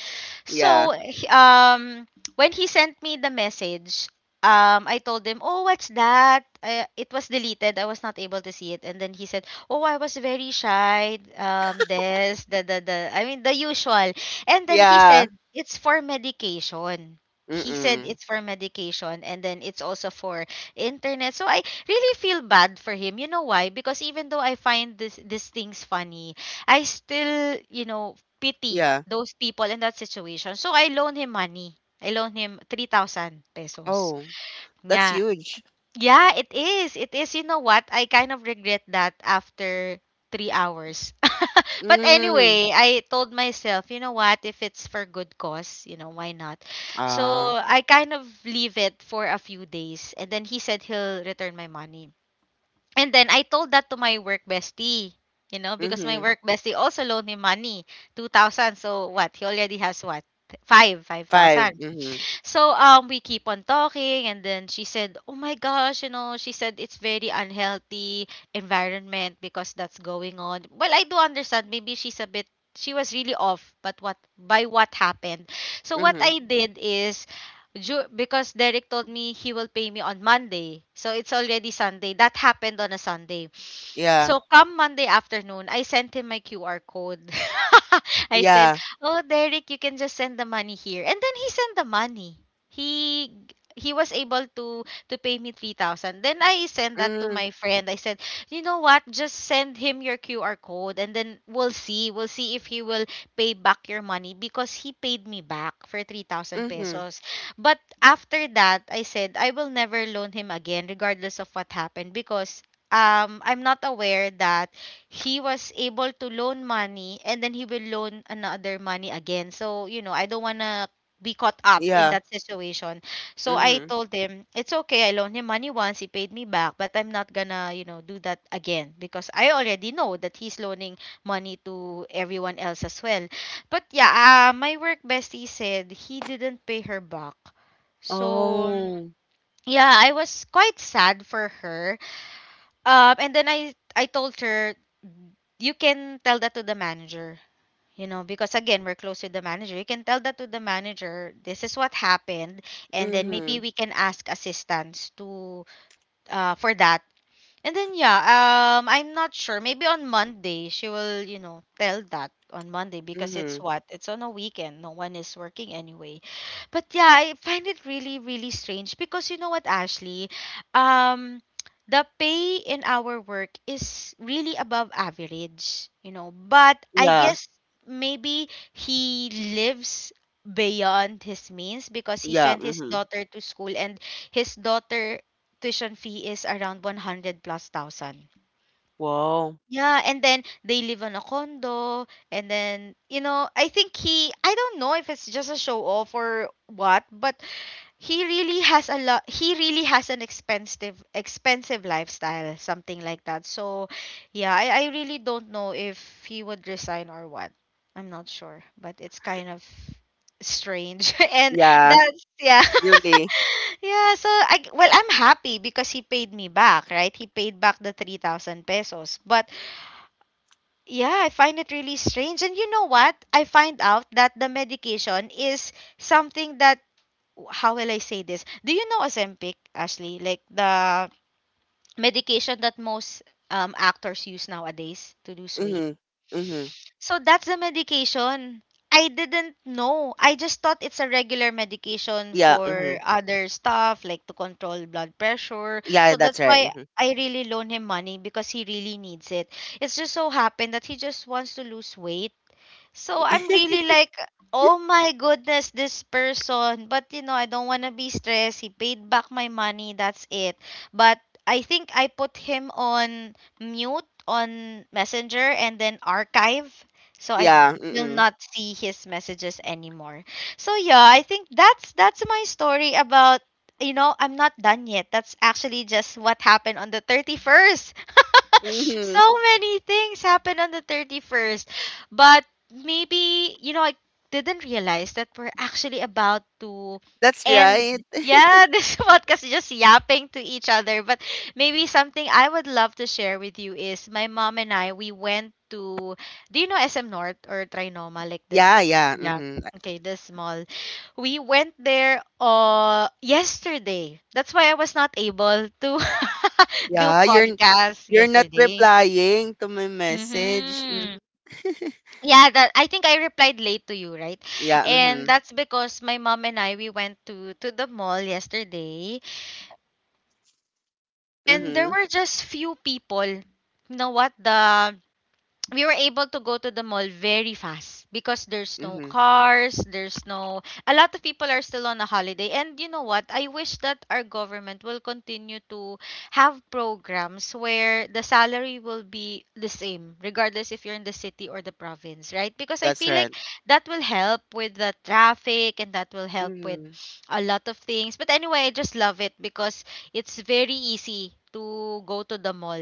S2: Yeah.
S1: So, he- um, when he sent me the message, um, I told him, "Oh, what's that? I, it was deleted. I was not able to see it." And then he said, "Oh, I was very shy. Um, this, the, the, the. I mean, the usual." And then he
S2: Yeah.
S1: said, "It's for medication." He said
S2: Mm-mm.
S1: it's for medication, and then it's also for internet. So I really feel bad for him. You know why? Because even though I find this these things funny, I still, you know, pity
S2: Yeah.
S1: those people in that situation. So I loaned him money. I loaned him 3,000 pesos.
S2: Oh, that's
S1: Yeah.
S2: huge.
S1: Yeah, it is. It is. You know what? I kind of regret that after three hours. But
S2: Mm.
S1: anyway, I told myself, you know what? If it's for good cause, you know, why not? So
S2: Ah.
S1: I kind of leave it for a few days. And then he said he'll return my money. And then I told that to my work bestie, you know, because my
S2: Mm-hmm.
S1: work bestie also loaned me money, two thousand. So what? He already has what? 5,
S2: Five.
S1: five thousand.
S2: Mm-hmm.
S1: So, um we keep on talking, and then she said, "Oh my gosh, you know, she said it's very unhealthy environment because that's going on." Well, I do understand. Maybe she's a bit, she was really off, but what by what happened. So what
S2: Mm-hmm.
S1: I did is, ju- because Derek told me he will pay me on Monday. So it's already Sunday. That happened on a Sunday.
S2: Yeah.
S1: So come Monday afternoon, I sent him my Q R code. I said,
S2: Yeah.
S1: "Oh, Derek, you can just send the money here." And then he sent the money. He he was able to to pay me three thousand. Then I sent that to
S2: Mm.
S1: my friend. I said, "You know what? Just send him your Q R code and then we'll see. We'll see if he will pay back your money, because he paid me back for three thousand
S2: Mm-hmm.
S1: pesos." But after that, I said, "I will never loan him again regardless of what happened, because um I'm not aware that he was able to loan money and then he will loan another money again. So, you know, I don't want to be caught up in
S2: Yeah.
S1: that situation." So I
S2: Mm-hmm.
S1: told him, it's okay. I loaned him money once. He paid me back, but I'm not gonna, you know, do that again because I already know that he's loaning money to everyone else as well. But yeah, uh, my work bestie said he didn't pay her back. So,
S2: Oh.
S1: yeah, I was quite sad for her um, and then I I told her you can tell that to the manager, you know, because again we're close with the manager. You can tell that to the manager. This is what happened, and then maybe
S2: Mm-hmm.
S1: we can ask assistance to uh for that. And then yeah, um I'm not sure. Maybe on Monday she will, you know, tell that on Monday because
S2: Mm-hmm.
S1: it's what? It's on a weekend. No one is working anyway. But yeah, I find it really really strange because you know what, Ashley, um the pay in our work is really above average, you know. But I
S2: Yeah.
S1: guess maybe he lives beyond his means because he
S2: Yeah.
S1: sent his
S2: Mm-hmm.
S1: daughter to school, and his daughter tuition fee is around 100 plus thousand.
S2: Wow.
S1: Yeah, and then they live on a condo, and then you know, I think he, I don't know if it's just a show off or what, but he really has a lot. He really has an expensive, expensive lifestyle, something like that. So, yeah, I, I really don't know if he would resign or what. I'm not sure, but it's kind of strange. And
S2: Yeah.
S1: that's yeah.
S2: Really.
S1: Yeah, so I well, I'm happy because he paid me back, right? He paid back the 3000 pesos. But yeah, I find it really strange. And you know what? I find out that the medication is something that how will I say this? Do you know Ozempic, Ashley? Like the medication that most um, actors use nowadays to lose weight.
S2: Mm-hmm. Mm-hmm.
S1: So that's the medication. I didn't know. I just thought it's a regular medication
S2: Yeah. Mm-hmm.
S1: for other stuff, like to control blood pressure. So
S2: Yeah,
S1: that's
S2: that's right.
S1: why
S2: Mm-hmm.
S1: I really loan him money because he really needs it. It's just so happened that he just wants to lose weight. So I'm really like, oh my goodness, this person. But you know, I don't want to be stressed. He paid back my money. That's it. But I think I put him on mute on Messenger and then archive. So I
S2: Yeah.
S1: will
S2: Mm-hmm.
S1: not see his messages anymore. So yeah, I think that's that's my story about you know, I'm not done yet. That's actually just what happened on the thirty-first.
S2: Mm-hmm.
S1: So many things happened on the thirty-first. But maybe you know I didn't realize that we're actually about to
S2: That's
S1: end.
S2: right.
S1: Yeah, this podcast is just yapping to each other. But maybe something I would love to share with you is my mom and I we went to do you know S M North or Trinoma like
S2: Yeah.
S1: this.
S2: Yeah.
S1: Yeah.
S2: Mm-hmm.
S1: Okay, this mall. We went there uh yesterday. That's why I was not able to do
S2: Yeah, you're
S1: podcast
S2: you're not
S1: yesterday.
S2: replying to my message.
S1: Mhm.
S2: Mhm.
S1: Yeah, that I think I replied late to you, right?
S2: Yeah,
S1: And
S2: mhm.
S1: that's because my mom and I we went to to the mall yesterday, and there
S2: Mhm.
S1: were just few people. You know what? The we were able to go to the mall very fast because there's no
S2: Mhm.
S1: cars, there's no a lot of people are still on a holiday. And you know what? I wish that our government will continue to have programs where the salary will be the same regardless if you're in the city or the province, right? Because I
S2: That's
S1: feel like
S2: right.
S1: that will help with the traffic and that will help with
S2: Mhm.
S1: a lot of things. But anyway, I just love it because it's very easy to go to the mall,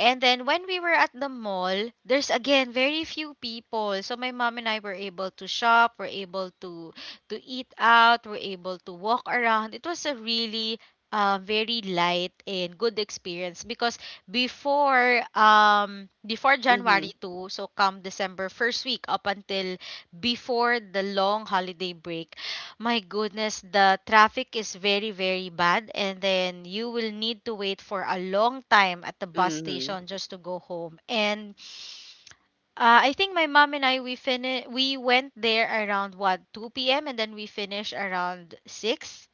S1: and then when we were at the mall, there's again very few people. So my mom and I were able to shop, were able to to eat out, were able to walk around. It was a really um, very light and good experience because before um before
S2: Mhm.
S1: January second, so come December first week up until before the long holiday break, my goodness, the traffic is very, very bad, and then you will need to wait for a long time at the bus
S2: Mhm.
S1: station just to go home. And uh, I think my mom and I we fini- we went there around what two p m and then we finished around six.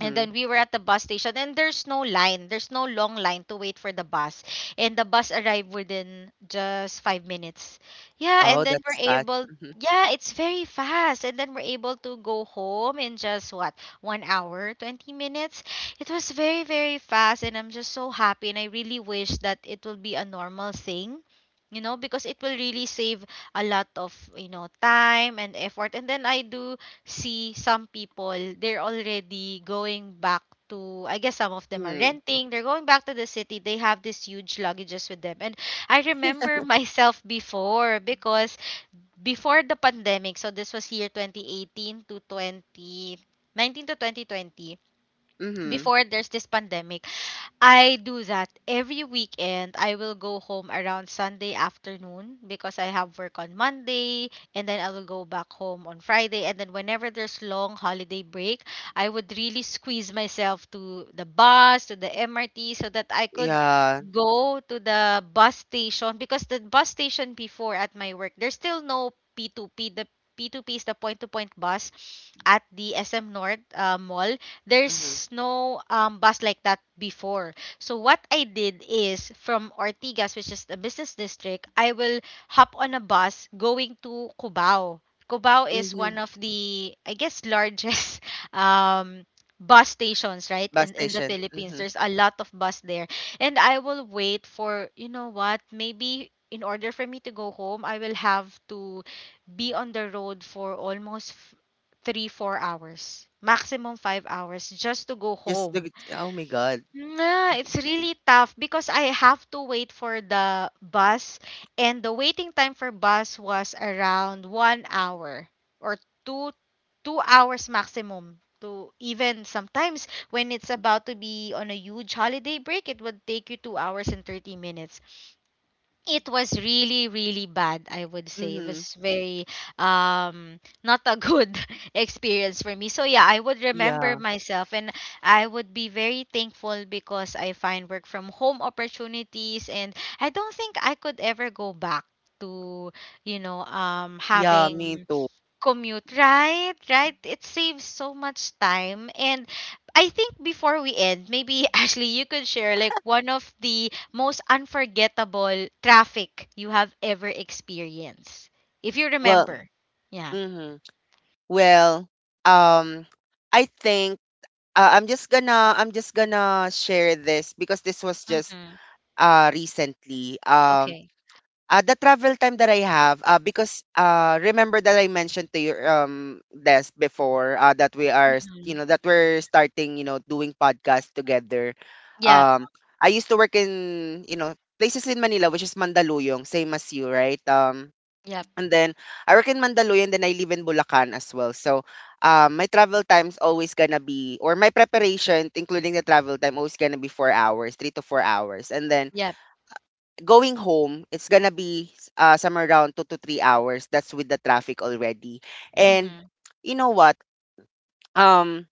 S1: And then we were at the bus station and there's no line. There's no long line to wait for the bus. And the bus arrived within just five minutes. Yeah,
S2: Oh,
S1: and then
S2: that's
S1: we're
S2: fast.
S1: able
S2: Mhm.
S1: yeah, it's very fast. And then we're able to go home in just what, one hour, twenty minutes. It was very, very fast, and I'm just so happy, and I really wish that it will be a normal thing. You know, because it will really save a lot of, you know, time and effort. And then I do see some people, they're already going back to, I guess some of them are
S2: Mhm.
S1: renting, they're going back to the city, they have these huge luggages with them. And I remember myself before because before the pandemic, so this was year twenty eighteen to twenty nineteen to twenty twenty,
S2: Mhm.
S1: before there's this pandemic, I do that every weekend. I will go home around Sunday afternoon because I have work on Monday, and then I will go back home on Friday, and then whenever there's long holiday break, I would really squeeze myself to the bus, to the M R T so that I could
S2: Yeah.
S1: go to the bus station because the bus station before at my work, there's still no P two P. The P two P is the point to point bus at the S M North uh, Mall.
S2: Mhm.
S1: There's no um, bus like that before. So what I did is from Ortigas, which is the business district, I will hop on a bus going to Cubao. Cubao is one
S2: Mhm.
S1: of the, I guess, largest um, bus stations, right,
S2: Bus
S1: in, in the
S2: station.
S1: Philippines.
S2: Mhm.
S1: There's a lot of bus there. And I will wait for, you know what, maybe in order for me to go home, I will have to be on the road for almost three, four hours, maximum five hours just to go
S2: Just look
S1: home.
S2: at- oh my god.
S1: Nah, it's really tough because I have to wait for the bus, and the waiting time for bus was around one hour or 2 2 hours maximum to even sometimes when it's about to be on a huge holiday break it would take you two hours and thirty minutes. It was really really bad. I would say it
S2: Mhm.
S1: was very um not a good experience for me. So yeah, I would remember
S2: Yeah.
S1: myself, and I would be very thankful because I find work from home opportunities, and I don't think I could ever go back to you know um
S2: Yeah, me
S1: having
S2: too.
S1: commute, right, right, it saves so much time. And I think before we end, maybe Ashley, you could share like one of the most unforgettable traffic you have ever experienced if you
S2: Well,
S1: remember. Yeah.
S2: mhm. Well, um I think uh, I'm just gonna I'm just gonna share this because this was just
S1: Mm-hmm.
S2: uh, recently. Um,
S1: Okay.
S2: uh, the travel time that I have, uh, because uh, remember that I mentioned to your um desk before uh, that we are, s- you
S1: Mm-hmm.
S2: know, that we're starting, you know, doing podcasts together.
S1: Yep,
S2: Um, I used to work in, you know, places in Manila, which is Mandaluyong, same as you, right? Um,
S1: yep,
S2: and then I work in Mandaluyong, then I live in Bulacan as well. So, um, my travel time's always gonna be, or my preparation, including the travel time, always gonna be four hours, three to four hours, and then
S1: yep.
S2: going home, it's gonna be uh, somewhere around two to three hours. That's with the traffic already. And
S1: Mm-hmm.
S2: you know what? Um,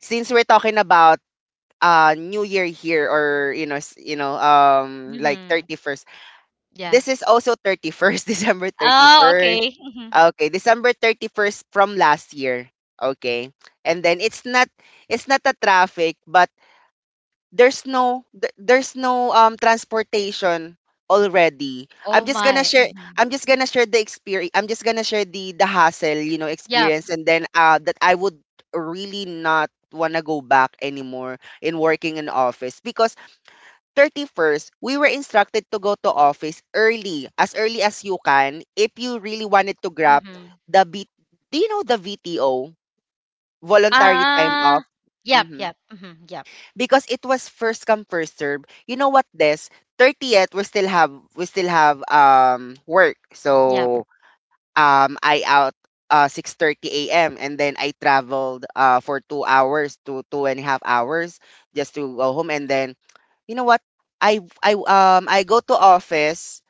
S2: since we're talking about uh New Year here, or you know, s- you know, um, like
S1: Mm-hmm.
S2: thirty first.
S1: Yeah.
S2: This is also thirty first, December thirty
S1: Oh,
S2: first.
S1: okay. Mm-hmm.
S2: Okay, December thirty first from last year. Okay, and then it's not it's not the traffic, but there's no th- there's no um transportation already. i'm
S1: Oh
S2: just gonna
S1: my.
S2: share
S1: Mm-hmm.
S2: i'm just gonna share the experience. I'm just gonna share the the hassle, you know,
S1: Yep.
S2: experience, and then uh that I would really not wanna go back anymore in working in office. Because thirty first we were instructed to go to office early, as early as you can if you really wanted to grab
S1: Mm-hmm.
S2: the B- do you know the VTO, voluntary time
S1: Ah.
S2: off?
S1: Yep,
S2: Mm-hmm.
S1: yep. Mm-hmm. Yep,
S2: Because it was first come first serve. You know what, Des? thirtieth we still have we still have um work.
S1: yep.
S2: So um I out uh six thirty a m and then I traveled uh for two hours to two and a half hours just to go home. And then you know what? I I um I go to office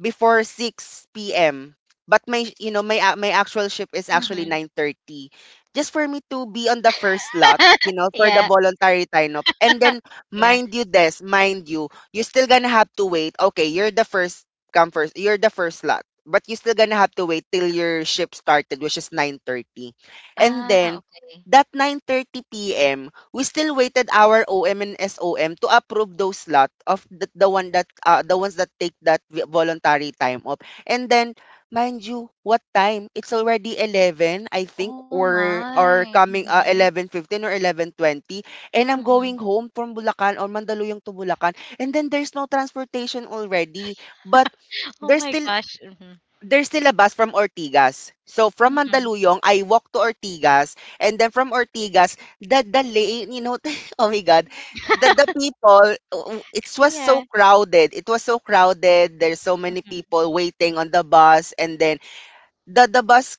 S2: before six p m. But my sh- you know, my a- my actual shift is actually
S1: Mm-hmm.
S2: nine thirty. Just for me to be on the first lot, you know, for the
S1: Yeah.
S2: voluntary time up. And then
S1: Yeah.
S2: mind you this, mind you, you're still gonna have to wait. Okay, you're the first come first. You're the first lot. But you're still gonna have to wait till your shift started, which is nine thirty. And
S1: Ah,
S2: then
S1: okay.
S2: that nine thirty p m we still waited our eleven and SOM to approve those lot of the, the one that uh, the ones that take that vi- voluntary time off. And then mind you, what time? It's already 11, I think,
S1: Oh
S2: or or
S1: my.
S2: coming uh,
S1: Mhm.
S2: eleven fifteen or eleven twenty, and I'm
S1: Mhm.
S2: going home from Bulacan, or Mandaluyong to Bulacan, and then there's no transportation already. But
S1: Oh
S2: there's
S1: my
S2: still
S1: gosh. Mhm.
S2: there's still a bus from Ortigas. So from
S1: Mhm.
S2: Mandaluyong, I walk to Ortigas, and then from Ortigas, the the lane, you know, oh my god, the the people, w- it was so
S1: Yeah.
S2: crowded. It was so crowded. There's so many
S1: Mhm.
S2: people waiting on the bus, and then the the bus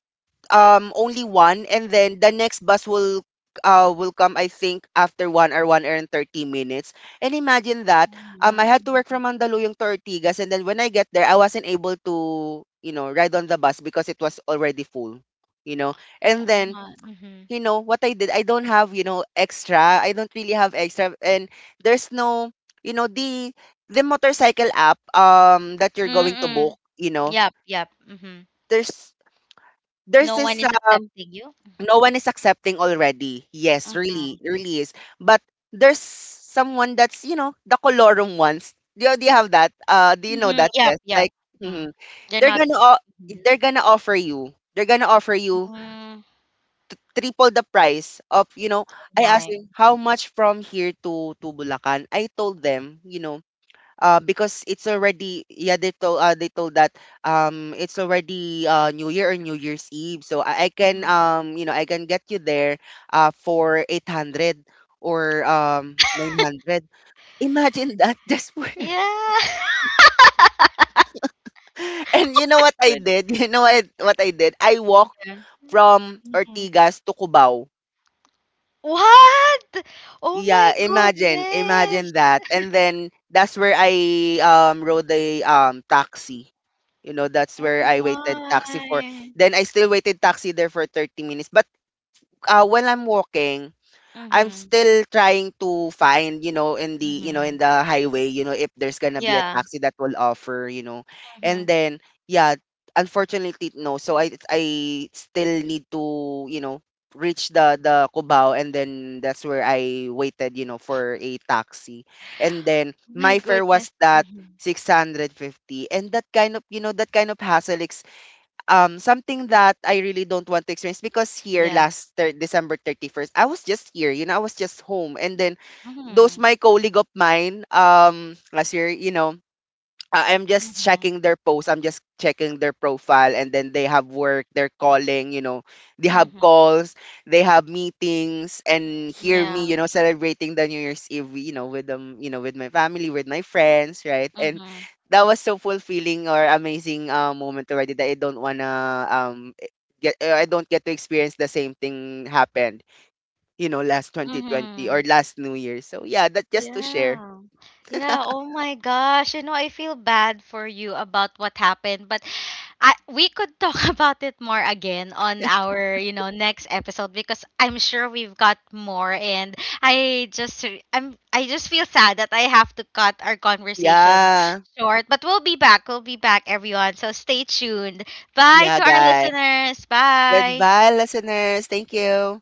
S2: um only one, and then the next bus will uh will come I think after one or one hour and thirty minutes. And imagine that
S1: Oh
S2: um I
S1: my.
S2: had to work from Mandaluyong to Ortigas, and then when I get there I wasn't able to, you know, ride on the bus because it was already full, you know. And
S1: Oh
S2: then
S1: my. Mhm.
S2: you know what I did? I don't have, you know, extra. I don't really have extra. And there's no, you know, the the motorcycle app um that you're going to book,
S1: Mm.
S2: you know.
S1: Yep, yep. Mhm.
S2: There's there's
S1: No one
S2: this
S1: is accepting you. Mhm.
S2: No one is accepting already. Yes, really,
S1: Mhm.
S2: really is. But there's someone that's, you know, the colorum ones. Do you, do you have that? Uh, do you know
S1: Mhm.
S2: that,
S1: Yep,
S2: Des?
S1: yep.
S2: Like,
S1: Mhm.
S2: mhm.
S1: They're
S2: they're
S1: not.
S2: gonna o-
S1: Mhm.
S2: they're gonna offer you. They're gonna offer you
S1: Mm.
S2: triple the price of, you know.
S1: Oh
S2: I asked
S1: my.
S2: him how
S1: Mhm.
S2: much from here to to Bulacan. I told them, you know, uh, because it's already, yeah, they told uh, they told that um it's already uh, New Year or New Year's Eve, so I, I can
S1: Mhm.
S2: um you know, I can get you there uh for eight hundred or um nine hundred. Imagine that. Just for
S1: Yeah.
S2: and you know what I
S1: Good.
S2: did? You know what what I did? I walked
S1: Yeah.
S2: from
S1: Mhm.
S2: Ortigas to Cubao.
S1: What? Oh my
S2: Yeah, imagine, imagine
S1: goodness.
S2: that. And then that's where I um rode the um taxi. You know, that's where
S1: Oh
S2: I waited taxi for.
S1: my.
S2: Then I still waited taxi there for thirty minutes. But uh, while I'm walking, I'm
S1: Mhm.
S2: still trying to find, you know, in the, you know, in
S1: Mhm.
S2: the highway, you know, if there's gonna be a
S1: Yeah.
S2: taxi that will offer, you know. And
S1: Mhm.
S2: then, yeah, unfortunately, no. So I, I still need to, you know, reach the, the Cubao, and then that's where I waited, you know, for a taxi. And then
S1: Oh my
S2: my fare
S1: goodness.
S2: was that
S1: Mhm.
S2: six hundred fifty. And that kind of, you know, that kind of hassle, um something that I really don't want to experience, because here
S1: Yeah.
S2: last thir- December thirty first I was just here, you know, I was just home. And then those
S1: Mhm.
S2: my colleague of mine, um last year, you know, uh, I'm just
S1: Mhm.
S2: checking their posts. I'm just checking their profile, and then they have work. They're calling. You know, they have
S1: Mhm.
S2: calls. They have meetings, and hear me.
S1: Yeah.
S2: You know, celebrating the New Year's Eve. You know, with them. You know, with my family, with my friends, right? And
S1: Mhm.
S2: that was so fulfilling or amazing uh, moment already, that I don't wanna um e- get. uh, I don't get to experience the same thing happened. You know, last twenty twenty or
S1: Mhm.
S2: last New Year. So yeah, that just to share.
S1: Yeah. Yeah. Oh my gosh. You know, I feel bad for you about what happened, but I, we could talk about it more again on our, you know, next episode because I'm sure we've got more, and I just I'm I just feel sad that I have to cut our conversation
S2: Yeah,
S1: short, but we'll be back. We'll be back everyone. So stay tuned. Bye
S2: yeah,
S1: to our
S2: guys.
S1: listeners. Bye.
S2: Goodbye, listeners. Thank you.